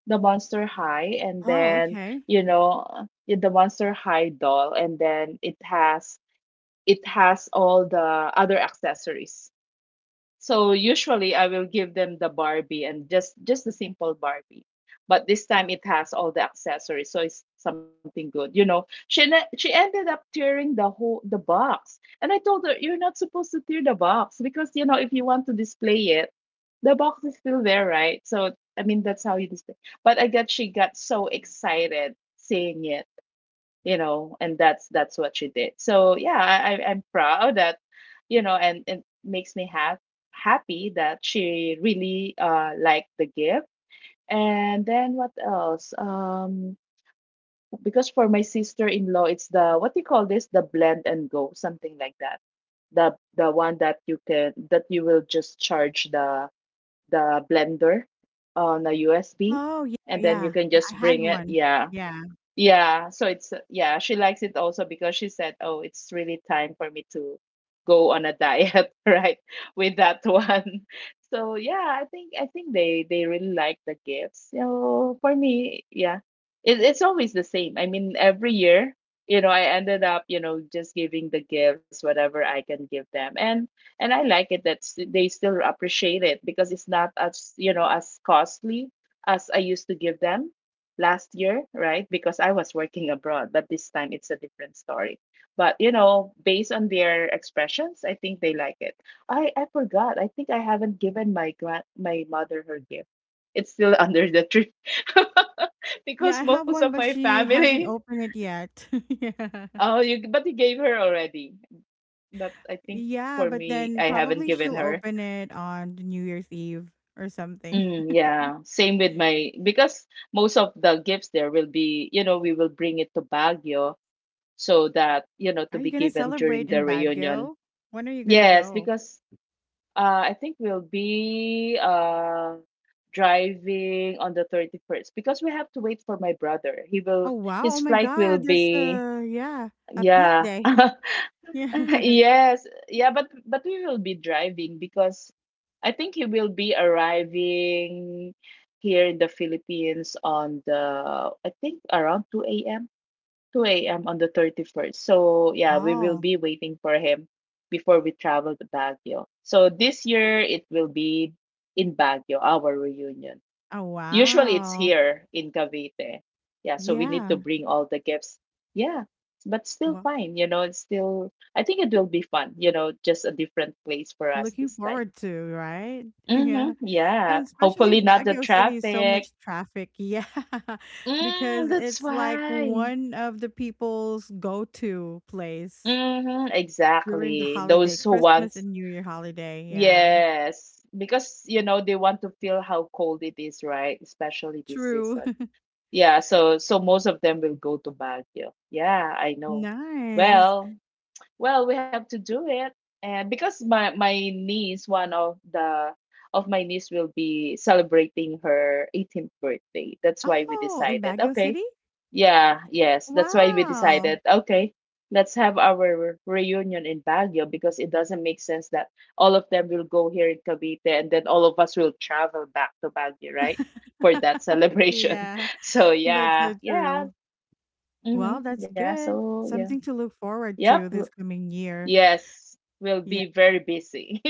Speaker 2: the Monster High, and
Speaker 1: Oh,
Speaker 2: then
Speaker 1: okay.
Speaker 2: you know the Monster High doll, and then it has all the other accessories. So usually I will give them the Barbie, and just the simple Barbie. But this time it has all the accessories, so it's something good. You know, she ended up tearing the whole the box, and I told her, you're not supposed to tear the box, because you know, if you want to display it, the box is still there, right? So I mean that's how you display. But I guess she got so excited seeing it, you know, and that's what she did. So yeah, I'm proud that, you know, and it makes me happy that she really liked the gift. And then what else, um, because for my sister-in-law, it's the, what do you call this, the blend and go, something like that, the one that you can that you will just charge the blender on a USB,
Speaker 1: Oh, yeah,
Speaker 2: and then you
Speaker 1: yeah.
Speaker 2: can
Speaker 1: I
Speaker 2: just
Speaker 1: had
Speaker 2: bring it,
Speaker 1: one.
Speaker 2: yeah.
Speaker 1: Yeah.
Speaker 2: Yeah, so it's, yeah, she likes it also, because she said, "Oh, it's really time for me to go on a diet," right? With that one. So yeah, I think they really like the gifts. So for me, yeah, it's always the same. I mean, every year, you know, I ended up, you know, just giving the gifts whatever I can give them, and I like it that they still appreciate it, because it's not as, you know, as costly as I used to give them last year, right? Because I was working abroad, but this time it's a different story. But you know, based on their expressions, I think they like it. I forgot. I think I haven't given my grand my mother her gift. It's still under the tree.
Speaker 1: Yeah,
Speaker 2: Because
Speaker 1: I have
Speaker 2: most of
Speaker 1: one,
Speaker 2: my
Speaker 1: but she
Speaker 2: family.
Speaker 1: hasn't opened it yet. Yeah.
Speaker 2: Oh, you but you gave her already. But I think
Speaker 1: Yeah,
Speaker 2: for
Speaker 1: but
Speaker 2: me,
Speaker 1: then
Speaker 2: I haven't
Speaker 1: probably
Speaker 2: given
Speaker 1: she'll
Speaker 2: her.
Speaker 1: open it on New Year's Eve or something.
Speaker 2: Mm, yeah, same with my, because most of the gifts there will be, you know, we will bring it to Baguio, so that you know, to
Speaker 1: Are
Speaker 2: be
Speaker 1: you gonna
Speaker 2: given during
Speaker 1: celebrate
Speaker 2: the
Speaker 1: in
Speaker 2: reunion.
Speaker 1: Baguio? When are you gonna
Speaker 2: Yes,
Speaker 1: go?
Speaker 2: because I think we'll be driving on the 31st, because we have to wait for my brother. He
Speaker 1: Oh
Speaker 2: will
Speaker 1: wow! Oh
Speaker 2: his
Speaker 1: my
Speaker 2: flight will
Speaker 1: God! That's
Speaker 2: be,
Speaker 1: a yeah, a peak
Speaker 2: yeah.
Speaker 1: day. Yeah.
Speaker 2: Yes, yeah, but we will be driving because I think he will be arriving here in the Philippines on the, I think, around 2 a.m, 2 a.m. on the 31st. So, yeah, we will
Speaker 1: Oh.
Speaker 2: be waiting for him before we travel to Baguio. So, this year it will be in Baguio, our reunion.
Speaker 1: Oh
Speaker 2: Usually it's
Speaker 1: wow.
Speaker 2: here in Cavite. Yeah, so we need to
Speaker 1: Yeah.
Speaker 2: bring all the gifts. Yeah, but still
Speaker 1: Well,
Speaker 2: fine, you know, it's still, I think it will be fun, you know, just a different place for us
Speaker 1: looking
Speaker 2: this time.
Speaker 1: forward to, right.
Speaker 2: Mm-hmm,
Speaker 1: Yeah,
Speaker 2: yeah,
Speaker 1: and especially
Speaker 2: hopefully not the
Speaker 1: Baguio City is so much
Speaker 2: traffic.
Speaker 1: traffic. Yeah,
Speaker 2: Mm,
Speaker 1: because
Speaker 2: that's
Speaker 1: it's like
Speaker 2: why.
Speaker 1: one of the people's go-to place
Speaker 2: Mm-hmm,
Speaker 1: during the
Speaker 2: exactly.
Speaker 1: holiday,
Speaker 2: Those who want.
Speaker 1: Christmas and New Year holiday. Yeah,
Speaker 2: Yes, because you know they want to feel how cold it is, right? Especially this
Speaker 1: true.
Speaker 2: season. Yeah, so so most of them will go to Baguio. Yeah, I know.
Speaker 1: Nice.
Speaker 2: Well, well, we have to do it. And because my niece, one of the of my niece will be celebrating her 18th birthday. That's why we
Speaker 1: Oh, in
Speaker 2: decided,
Speaker 1: Baguio
Speaker 2: okay,
Speaker 1: City?
Speaker 2: yeah, yes. That's why we
Speaker 1: Wow.
Speaker 2: decided, okay, let's have our reunion in Baguio, because it doesn't make sense that all of them will go here in Cavite, and then all of us will travel back to Baguio, right? For that celebration.
Speaker 1: Yeah,
Speaker 2: So
Speaker 1: that's
Speaker 2: yeah,
Speaker 1: so
Speaker 2: yeah.
Speaker 1: true.
Speaker 2: Mm-hmm.
Speaker 1: Well, that's
Speaker 2: Yeah,
Speaker 1: good.
Speaker 2: so yeah.
Speaker 1: Something to look forward to
Speaker 2: Yep.
Speaker 1: this coming year.
Speaker 2: Yes. We'll
Speaker 1: Yeah.
Speaker 2: be very busy.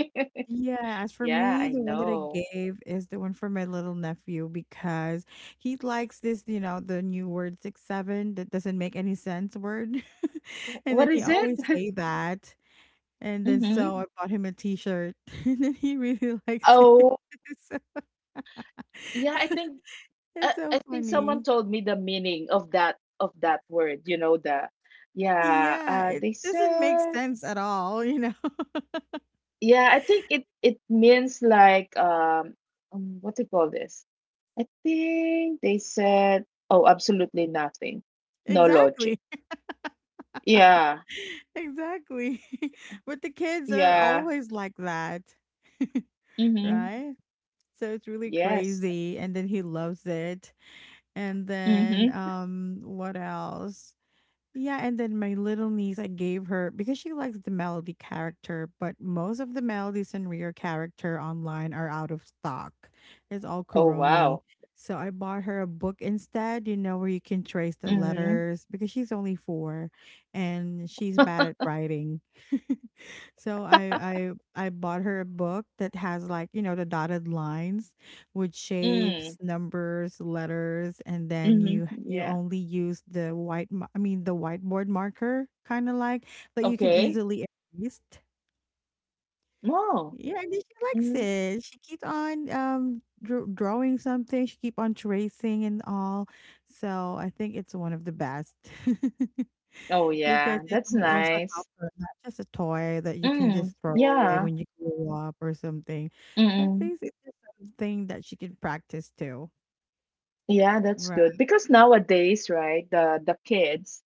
Speaker 1: Yeah. As for
Speaker 2: Yeah,
Speaker 1: me,
Speaker 2: I
Speaker 1: the one that I
Speaker 2: know.
Speaker 1: gave is the one for my little nephew, because he likes this, you know, the new word 6 7, that doesn't make any sense word. And then
Speaker 2: What
Speaker 1: he
Speaker 2: is it?
Speaker 1: always say that. And then
Speaker 2: Mm-hmm.
Speaker 1: so I bought him a t-shirt and then he really likes it.
Speaker 2: Oh,
Speaker 1: So
Speaker 2: yeah i think I, I
Speaker 1: it's
Speaker 2: think
Speaker 1: so
Speaker 2: someone told
Speaker 1: funny.
Speaker 2: me the meaning of that word you know the yeah
Speaker 1: Yeah, it
Speaker 2: they
Speaker 1: doesn't make
Speaker 2: said
Speaker 1: sense at all, you know?
Speaker 2: yeah, I think it means like what do you call this, I think they said, oh, absolutely nothing. No logic.
Speaker 1: Exactly.
Speaker 2: Yeah.
Speaker 1: Exactly. But the kids are
Speaker 2: Yeah.
Speaker 1: always like that.
Speaker 2: Mm-hmm.
Speaker 1: Right? So it's really
Speaker 2: Yes.
Speaker 1: crazy. And then he loves it. And then
Speaker 2: Mm-hmm.
Speaker 1: what else? Yeah, and then my little niece, I gave her because she likes the Melody character, but most of the Melodies and Rear character online are out of stock. It's all
Speaker 2: Oh,
Speaker 1: Kuromi.
Speaker 2: wow.
Speaker 1: So I bought her a book instead, you know, where you can trace the
Speaker 2: Mm-hmm.
Speaker 1: letters because she's only four and she's bad at writing. So I bought her a book that has like, you know, the dotted lines with shapes,
Speaker 2: mm,
Speaker 1: numbers, letters, and then
Speaker 2: mm-hmm.
Speaker 1: you
Speaker 2: Yeah.
Speaker 1: only use the white I mean the whiteboard marker kind of like that, you can
Speaker 2: Okay.
Speaker 1: easily erase.
Speaker 2: Oh.
Speaker 1: Yeah, and then she likes
Speaker 2: mm.
Speaker 1: it. She keeps on drawing something, she keep on tracing and all. So I think it's one of the best.
Speaker 2: Oh yeah,
Speaker 1: Because it
Speaker 2: that's
Speaker 1: will also help
Speaker 2: nice.
Speaker 1: her, not just a toy that you can
Speaker 2: Mm,
Speaker 1: just throw away
Speaker 2: yeah.
Speaker 1: when you grow up or something. At
Speaker 2: Mm-mm.
Speaker 1: least it's just something that she can practice too.
Speaker 2: Yeah, that's
Speaker 1: Right.
Speaker 2: good. Because nowadays, right, the kids,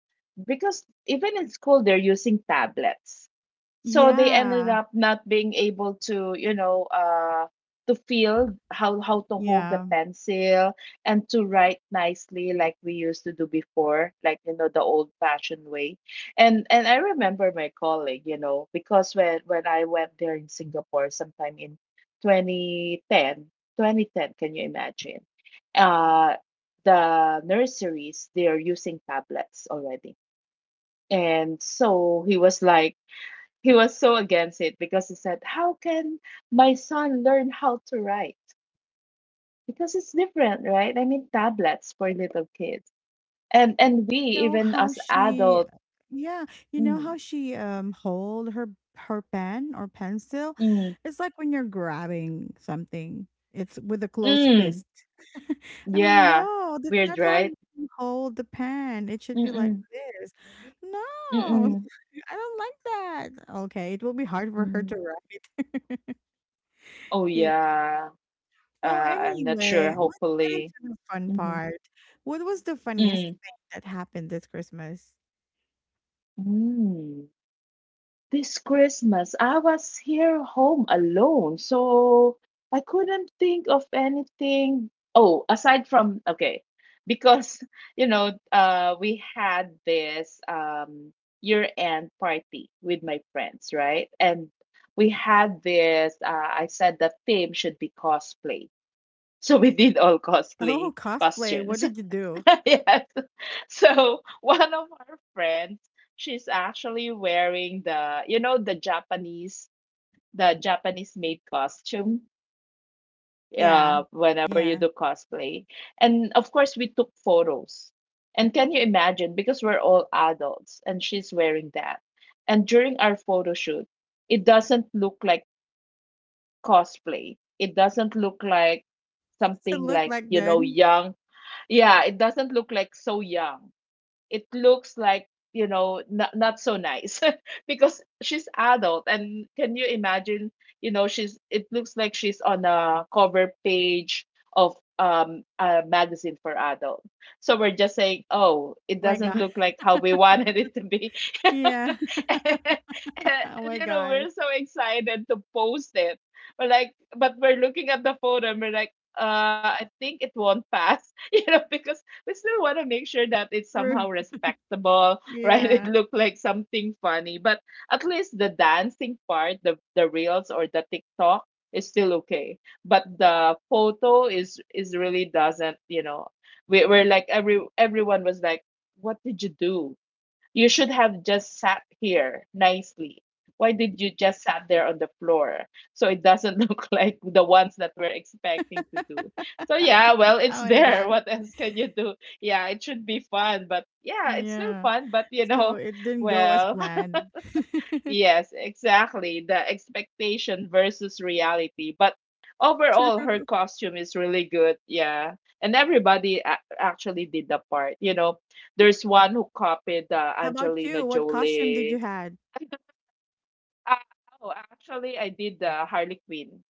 Speaker 2: because even in school they're using tablets. So they ended
Speaker 1: Yeah.
Speaker 2: up not being able to, to feel how to hold the
Speaker 1: Yeah.
Speaker 2: pencil, and to write nicely like we used to do before, like, you know, the old fashioned way. And I remember my colleague, you know, because when I went there in Singapore sometime in 2010, 2010, can you imagine? uh the nurseries, they're using tablets already. And so he was like, he was so against it because he said, "How can my son learn how to write?" Because it's different, right? I mean, tablets for little kids. And we,
Speaker 1: You know
Speaker 2: even
Speaker 1: how
Speaker 2: as
Speaker 1: she
Speaker 2: adult,
Speaker 1: yeah, you know how
Speaker 2: mm,
Speaker 1: she hold her her pen or pencil?
Speaker 2: mm,
Speaker 1: It's like when you're grabbing something. It's with a closed
Speaker 2: mm,
Speaker 1: fist. I mean,
Speaker 2: yeah,
Speaker 1: no, that's
Speaker 2: weird,
Speaker 1: not how
Speaker 2: right?
Speaker 1: you hold the pen. It should be like
Speaker 2: Mm-mm,
Speaker 1: this. Right? No,
Speaker 2: mm-mm,
Speaker 1: I don't like that. Okay, it will be hard for her to
Speaker 2: mm.
Speaker 1: write.
Speaker 2: Oh,
Speaker 1: Yeah.
Speaker 2: yeah.
Speaker 1: Well,
Speaker 2: I'm not
Speaker 1: anyway,
Speaker 2: sure.
Speaker 1: let's get into
Speaker 2: Hopefully.
Speaker 1: the fun
Speaker 2: Mm-hmm.
Speaker 1: part. What was the funniest
Speaker 2: Mm,
Speaker 1: thing that happened this Christmas?
Speaker 2: mm. This Christmas, I was here home alone, so I couldn't think of anything. Oh, aside from, okay, because you know, we had this year-end party with my friends, right? And we had this. I said the theme should be cosplay, so we did all cosplay
Speaker 1: Oh, cosplay. What
Speaker 2: costumes.
Speaker 1: did you do?
Speaker 2: Yes. So one of our friends, she's actually wearing the, you know, the Japanese made costume,
Speaker 1: Yeah.
Speaker 2: whenever you
Speaker 1: Yeah.
Speaker 2: do
Speaker 1: What
Speaker 2: cosplay. And of course, we took photos. And can you imagine? Because we're all adults and she's wearing that. And during our photo shoot, it doesn't look like cosplay. It doesn't look like
Speaker 1: does it
Speaker 2: something
Speaker 1: look
Speaker 2: like,
Speaker 1: like
Speaker 2: you know,
Speaker 1: then?
Speaker 2: young. Yeah, it doesn't look like so young. It looks like, you know, not, not so nice because she's adult, and can you imagine, you know, she's, it looks like she's on a cover page of a magazine for adult. So we're just saying, oh, it
Speaker 1: My
Speaker 2: doesn't
Speaker 1: God.
Speaker 2: look like how we wanted it to be.
Speaker 1: Yeah.
Speaker 2: And
Speaker 1: Oh my
Speaker 2: you know, we're
Speaker 1: God.
Speaker 2: so excited to post it. We're like, but we're looking at the photo and we're like, I think it won't pass, you know, because we still want to make sure that it's somehow
Speaker 1: True.
Speaker 2: respectable, right? It
Speaker 1: Yeah.
Speaker 2: looked like something funny, but at least the dancing part, the reels or the TikTok is still okay. But the photo is really, doesn't, you know, we're like everyone was like, what did you do? You should have just sat here nicely. Why did you just sat there on the floor? So it doesn't look like the ones that we're expecting to do. So yeah, well,
Speaker 1: Oh
Speaker 2: it's
Speaker 1: my
Speaker 2: there.
Speaker 1: God.
Speaker 2: What else can you do? Yeah, it should be fun, but yeah, it's still
Speaker 1: Yeah.
Speaker 2: fun, but you
Speaker 1: So
Speaker 2: know,
Speaker 1: it didn't go as
Speaker 2: well,
Speaker 1: planned.
Speaker 2: yes, exactly. The expectation versus reality. But overall, her
Speaker 1: True.
Speaker 2: costume is really good. Yeah. And everybody actually did the part. You know, there's one who copied
Speaker 1: How about
Speaker 2: Angelina
Speaker 1: you? What costume did you
Speaker 2: Jolie.
Speaker 1: had?
Speaker 2: I don't, uh, oh, actually, I did the Harley Quinn.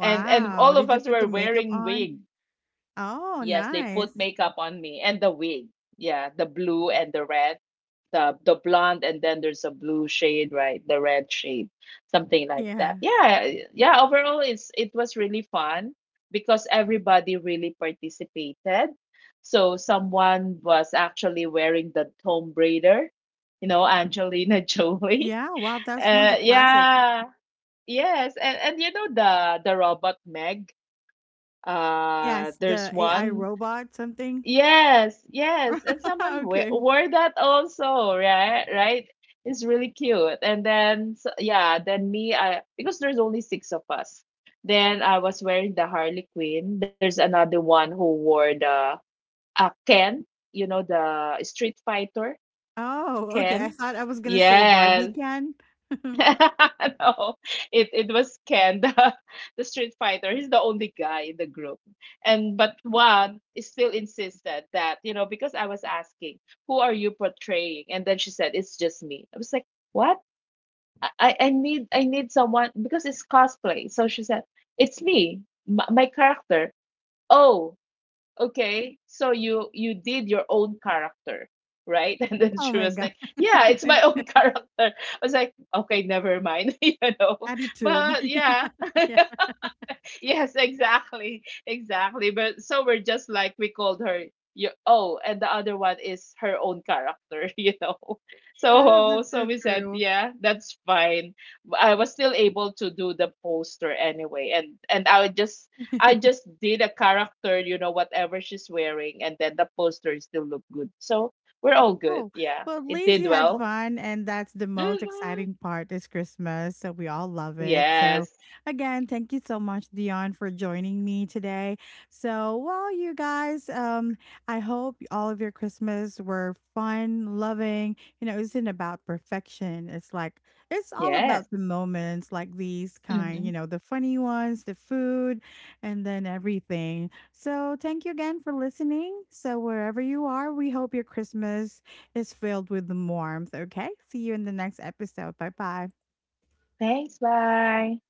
Speaker 2: And all of
Speaker 1: Did you
Speaker 2: us
Speaker 1: put the
Speaker 2: were
Speaker 1: makeup
Speaker 2: wearing
Speaker 1: on?
Speaker 2: wig.
Speaker 1: Oh,
Speaker 2: Yes, they
Speaker 1: nice.
Speaker 2: put makeup on me and the wig. Yeah, the blue and the red. The blonde, and then there's a blue shade, right, the red shade, something like that.
Speaker 1: Yeah.
Speaker 2: Yeah, yeah, overall it was really fun because everybody really participated. So someone was actually wearing the Tomb Raider, you know, Angelina Jolie.
Speaker 1: Yeah. Wow. That's one's a
Speaker 2: Uh,
Speaker 1: classic.
Speaker 2: yeah, yes. And you know, the robot Meg,
Speaker 1: Yes.
Speaker 2: there's
Speaker 1: The AI
Speaker 2: one.
Speaker 1: robot something.
Speaker 2: Yes, yes. And someone we
Speaker 1: Okay.
Speaker 2: wore that also, right? Right? It's really cute. And then, so, yeah, then me, I, because there's only six of us. Then I was wearing the Harley Quinn. There's another one who wore the, Ken, you know, the Street Fighter
Speaker 1: Oh, okay. I
Speaker 2: Ken.
Speaker 1: thought I was going to say Barbie
Speaker 2: Yes,
Speaker 1: can.
Speaker 2: no, it was Ken, the, the Street Fighter. He's the only guy in the group, and but one is still insisted that, you know, because I was asking, who are you portraying, and then she said it's just me. I was like, what? I need, I need someone because it's cosplay. So she said it's me, my character. Oh, okay, so you did your own character, right? And then
Speaker 1: Oh
Speaker 2: she
Speaker 1: my
Speaker 2: was
Speaker 1: God.
Speaker 2: like, yeah, it's my
Speaker 1: Okay.
Speaker 2: own character. I was like, okay, never mind, you know.
Speaker 1: Attitude.
Speaker 2: But yeah,
Speaker 1: Yeah.
Speaker 2: yes, exactly, exactly. But so we're just like, we called her. You, oh, and the other one is her own character, you know.
Speaker 1: Yeah.
Speaker 2: So
Speaker 1: That's
Speaker 2: so
Speaker 1: so
Speaker 2: we said,
Speaker 1: true.
Speaker 2: yeah, that's fine. I was still able to do the poster anyway, and I would just, I just did a character, you know, whatever she's wearing, and then the poster still looked good. So we're all good.
Speaker 1: Oh,
Speaker 2: Yeah,
Speaker 1: well, at
Speaker 2: it
Speaker 1: least
Speaker 2: did
Speaker 1: you had
Speaker 2: well.
Speaker 1: fun, and that's the most
Speaker 2: Hmm.
Speaker 1: exciting part is Christmas. So we all love it. So
Speaker 2: Yes,
Speaker 1: again, thank you so much, Dion, for joining me today. So, well, you guys, I hope all of your Christmas were fun, loving. You know, it isn't about perfection. It's like it's all
Speaker 2: yes.
Speaker 1: about the moments like these kind, you
Speaker 2: Hmm.
Speaker 1: know, the funny ones, the food, and then everything. So thank you again for listening. So wherever you are, we hope your Christmas is filled with warmth. Okay. See you in the next episode. Bye bye.
Speaker 2: Thanks. Bye.